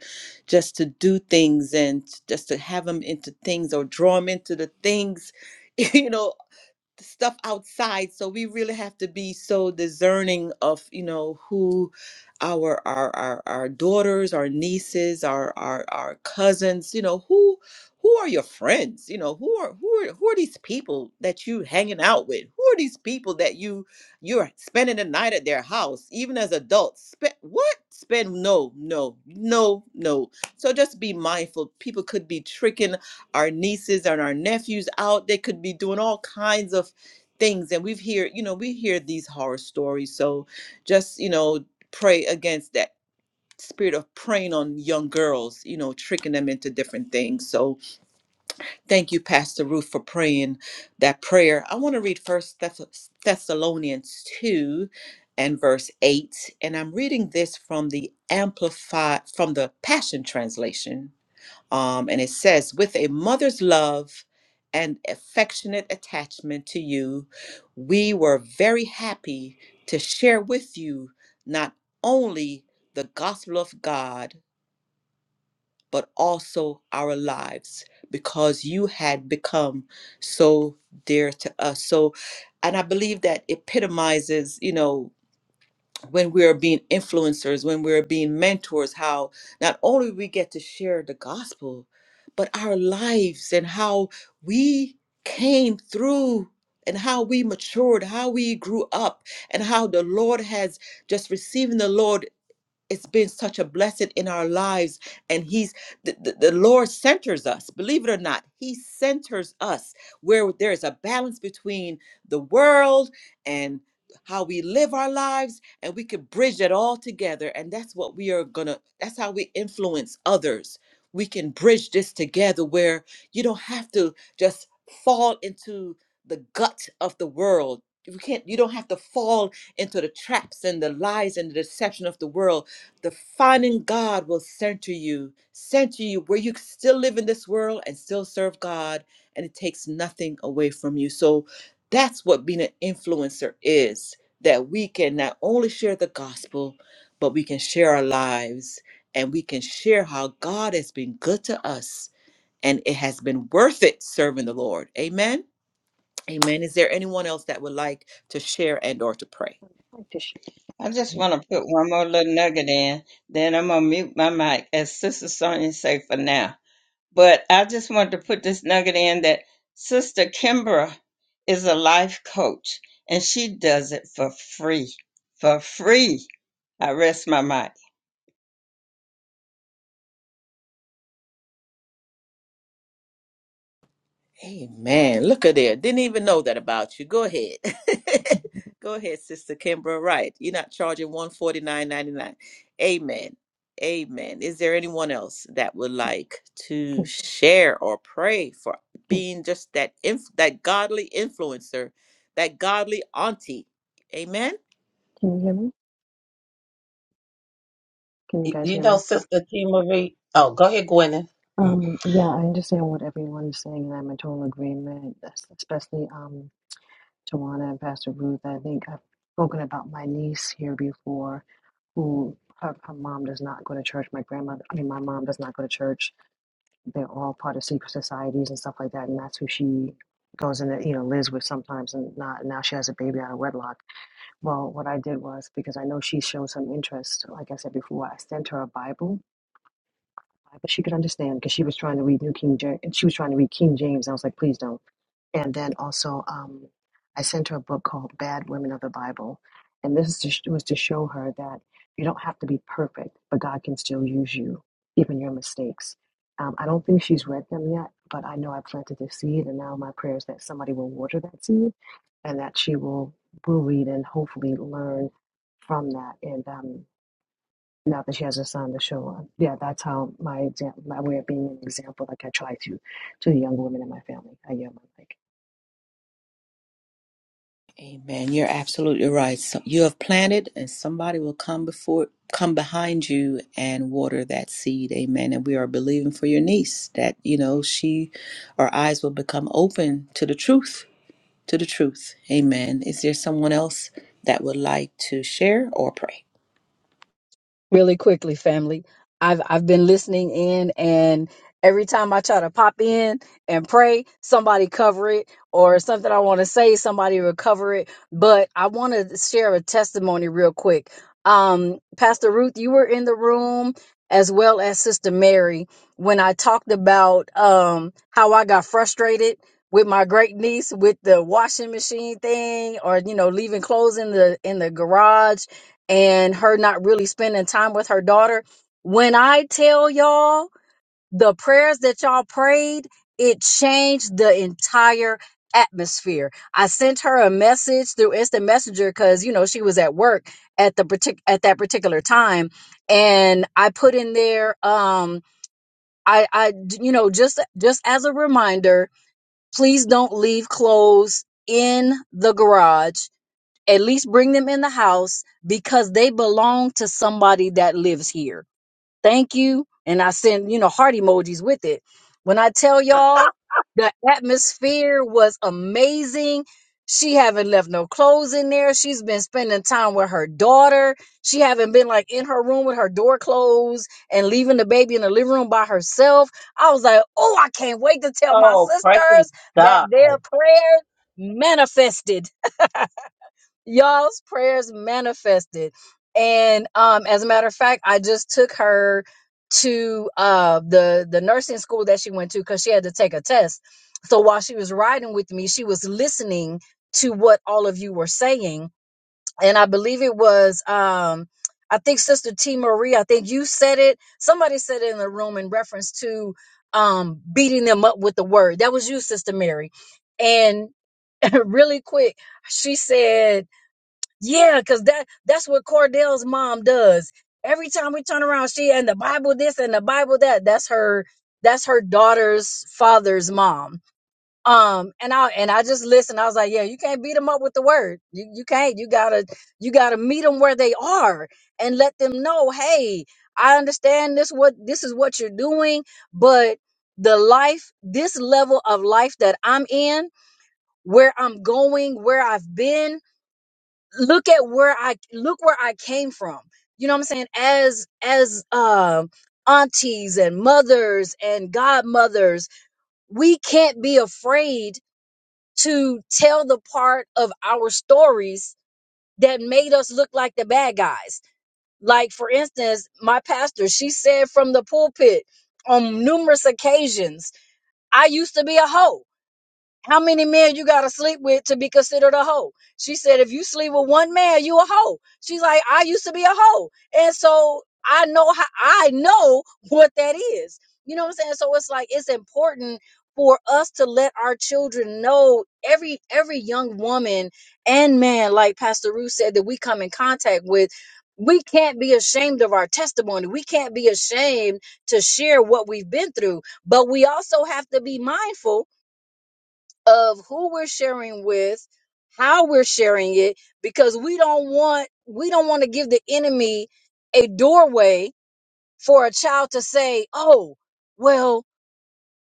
just to do things and just to have them into things or draw them into the things, you know, the stuff outside so we really have to be so discerning of you know who our our our, our daughters our nieces our, our our cousins you know who who are your friends you know who are who are who are these people that you hanging out with who are these people that you you're spending the night at their house even as adults spend what spend no no no no so just be mindful people could be tricking our nieces and our nephews out. They could be doing all kinds of things. And we've hear, you know, we hear these horror stories. So just, you know, pray against that spirit of preying on young girls, you know, tricking them into different things. So thank you, Pastor Ruth, for praying that prayer. I want to read first Thess- Thessalonians 2 and verse 8. And I'm reading this from the Amplified, from the Passion Translation. Um, and it says, with a mother's love and affectionate attachment to you, we were very happy to share with you not only the gospel of God, but also our lives, because you had become so dear to us. So, and I believe that epitomizes, you know, when we are being influencers, when we're being mentors, how not only we get to share the gospel, but our lives and how we came through and how we matured, how we grew up, and how the Lord has just receiving the Lord it's been such a blessing in our lives and he's the, the, the lord centers us believe it or not he centers us where there is a balance between the world and how we live our lives and we can bridge it all together and that's what we are gonna that's how we influence others we can bridge this together where you don't have to just fall into the gut of the world you can't you don't have to fall into the traps and the lies and the deception of the world the finding God will center you, center you where you can still live in this world and still serve God, and it takes nothing away from you. So that's what being an influencer is that we can not only share the gospel, but we can share our lives and we can share how God has been good to us and it has been worth it serving the Lord. Amen. Amen. Is there anyone else that would like to share and or to pray?
I'd like to share
I
this
just
one.
want to put one more little nugget in, then I'm gonna mute my mic, as Sister Sonia say for now. But I just wanted to put this nugget in that Sister Kimbra is a life coach, and she does it for free, for free. I rest my mic.
Amen. Look at there. Didn't even know that about you. Go ahead. Go ahead, Sister Kimbra. Right. You're not charging one forty nine ninety nine. Amen. Amen. Is there anyone else that would like to
Can,
share or pray for
can,
being just that inf- that godly influencer, that godly auntie? Amen.
can you hear me? Can you guys
You
hear
know,
me?
Sister T. Marie. Oh, go ahead, Gwyneth. Mm.
Um, yeah, I understand what everyone's saying, and I'm in total agreement, es- especially um, Tawana and Pastor Ruth. I think I've spoken about my niece here before, who her, her mom does not go to church. My grandmother, I mean, my mom does not go to church. They're all part of secret societies and stuff like that, and that's who she goes and you know lives with sometimes, and not now she has a baby out of wedlock Well, what I did was because I know she showed some interest, like I said before, I sent her a Bible but she could understand because she was trying to read New King James, and she was trying to read King James. And I was like, please don't. And then also, um, I sent her a book called Bad Women of the Bible, and this is to, sh- was to show her that you don't have to be perfect, but God can still use you, even your mistakes. Um, I don't think she's read them yet, but I know I planted the seed, and now my prayer is that somebody will water that seed, and that she will will read and hopefully learn from that. And um, now that she has a son to show on. Yeah, that's how my example, my way of being an example, like I try to, to the young women in my family. I yell my mic.
Amen. You're absolutely right. So you have planted, and somebody will come before, come behind you, and water that seed. Amen. And we are believing for your niece that you know she, our eyes will become open to the truth, to the truth. Amen. Is there someone else that would like to share or pray?
really quickly, family. I've I've been listening in and every time I try to pop in and pray, somebody cover it or something I want to say, somebody will cover it. But I want to share a testimony real quick. Um, Pastor Ruth, you were in the room as well as Sister Mary when I talked about um how I got frustrated with my great niece with the washing machine thing or you know leaving clothes in the in the garage and her not really spending time with her daughter. When I tell y'all the prayers that y'all prayed, it changed the entire atmosphere. I sent her a message through instant messenger because you know she was at work at the partic- at that particular time, and I put in there, um, I, I, you know, just just as a reminder, please don't leave clothes in the garage at least bring them in the house because they belong to somebody that lives here. Thank you. And I send, you know, heart emojis with it. When I tell y'all, the atmosphere was amazing. She haven't left no clothes in there. She's been spending time with her daughter. She haven't been like in her room with her door closed and leaving the baby in the living room by herself. I was like, oh, I can't wait to tell my
Oh, praise
sisters
God.
that their prayers manifested. y'all's prayers manifested and um as a matter of fact i just took her to uh the the nursing school that she went to because she had to take a test so while she was riding with me she was listening to what all of you were saying and i believe it was um i think sister t marie i think you said it somebody said it in the room in reference to um beating them up with the word that was you sister mary and really quick she said yeah, because that that's what Cordell's mom does. Every time we turn around, she and the Bible this and the Bible that. That's her that's her daughter's father's mom. Um and I and I just listened. I was like, Yeah, you can't beat them up with the word. You you can't. You gotta you gotta meet them where they are and let them know, hey, I understand this what this is what you're doing, but the life, this level of life that I'm in, where I'm going, where I've been look at where I look where I came from. You know what I'm saying? As as um aunties and mothers and godmothers, we can't be afraid to tell the part of our stories that made us look like the bad guys. Like for instance, my pastor, she said from the pulpit on numerous occasions, I used to be a hoe. How many men you gotta sleep with to be considered a hoe? She said, if you sleep with one man, you a hoe. She's like, I used to be a hoe. And so I know how I know what that is. You know what I'm saying? So it's like it's important for us to let our children know every every young woman and man, like Pastor Ruth said, that we come in contact with. We can't be ashamed of our testimony. We can't be ashamed to share what we've been through. But we also have to be mindful of who we're sharing with, how we're sharing it, because we don't want we don't want to give the enemy a doorway for a child to say, "Oh, well,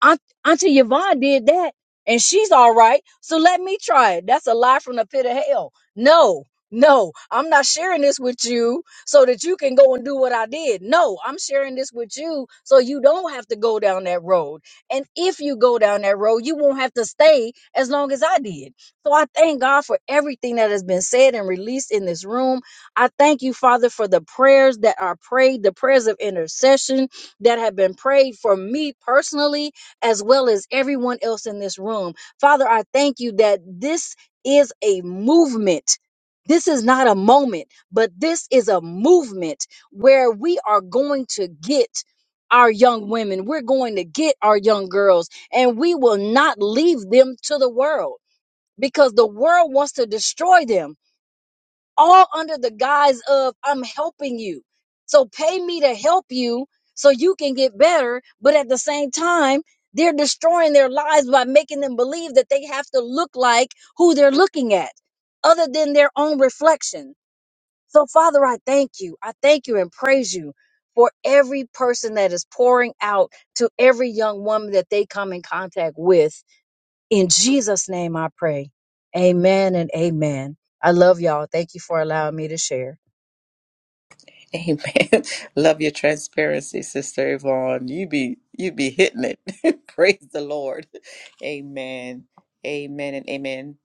Aunt, Auntie Yvonne did that and she's all right. So let me try it. That's a lie from the pit of hell. No, no, I'm not sharing this with you so that you can go and do what I did. No, I'm sharing this with you so you don't have to go down that road. And if you go down that road, you won't have to stay as long as I did. So I thank God for everything that has been said and released in this room. I thank you, Father, for the prayers that are prayed, the prayers of intercession that have been prayed for me personally as well as everyone else in this room. Father, I thank you that this is a movement. This is not a moment, but this is a movement where we are going to get our young women, we're going to get our young girls, and we will not leave them to the world because the world wants to destroy them all under the guise of I'm helping you. So pay me to help you so you can get better. But at the same time, they're destroying their lives by making them believe that they have to look like who they're looking at, other than their own reflection. So, Father, I thank you. I thank you and praise you for every person that is pouring out to every young woman that they come in contact with in Jesus' name I pray. Amen and amen. I love y'all. Thank you for allowing me to share.
Amen. Love your transparency, Sister Yvonne. You be you be hitting it. Praise the Lord. Amen. Amen and amen.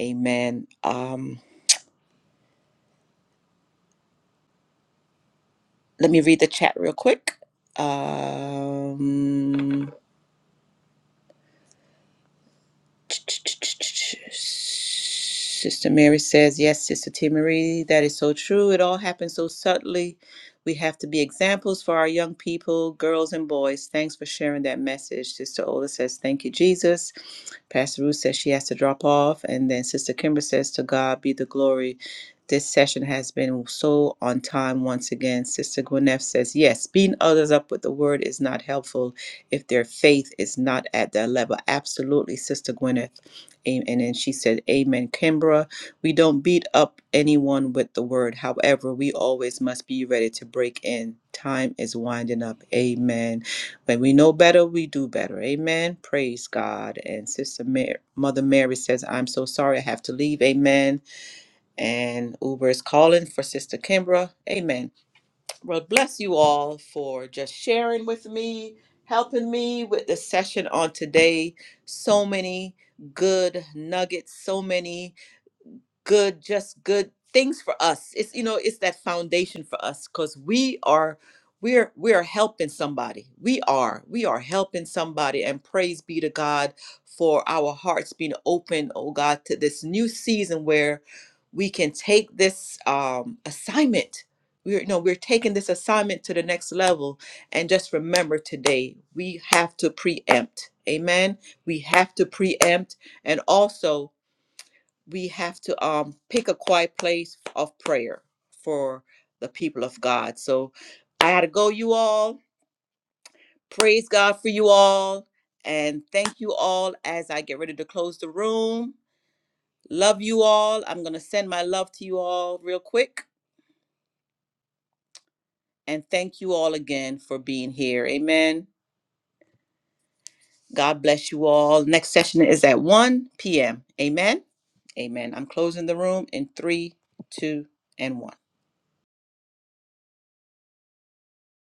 Amen. Um. Let me read the chat real quick. Um, Sister Mary says, Yes, Sister T. Marie, that is so true. It all happens so subtly. We have to be examples for our young people, girls and boys. Thanks for sharing that message. Sister Ola says, Thank you, Jesus. Pastor Ruth says she has to drop off. And then Sister Kimber says, To God be the glory. This session has been so on time once again. Sister Gwyneth says, Yes, beating others up with the word is not helpful if their faith is not at that level. Absolutely, Sister Gwyneth. Amen. And then she said, Amen. Kimbra, we don't beat up anyone with the word. However, we always must be ready to break in. Time is winding up. Amen. When we know better, we do better. Amen. Praise God. And Sister Mary, Mother Mary says, I'm so sorry I have to leave. Amen. And Uber is calling for Sister Kimbra. Amen. Well, bless you all for just sharing with me, helping me with the session on today. So many good nuggets, so many good just good things for us it's you know it's that foundation for us because we are we're we're helping somebody we are we are helping somebody and praise be to god for our hearts being open oh god to this new season where we can take this um assignment we're you know we're taking this assignment to the next level and just remember today we have to preempt amen we have to preempt and also we have to um, pick a quiet place of prayer for the people of God. So I had to go, you all. Praise God for you all. And thank you all as I get ready to close the room. Love you all. I'm going to send my love to you all real quick. And thank you all again for being here. Amen. God bless you all. Next session is at 1 p.m. Amen. Amen. I'm closing the room in three, two, and one.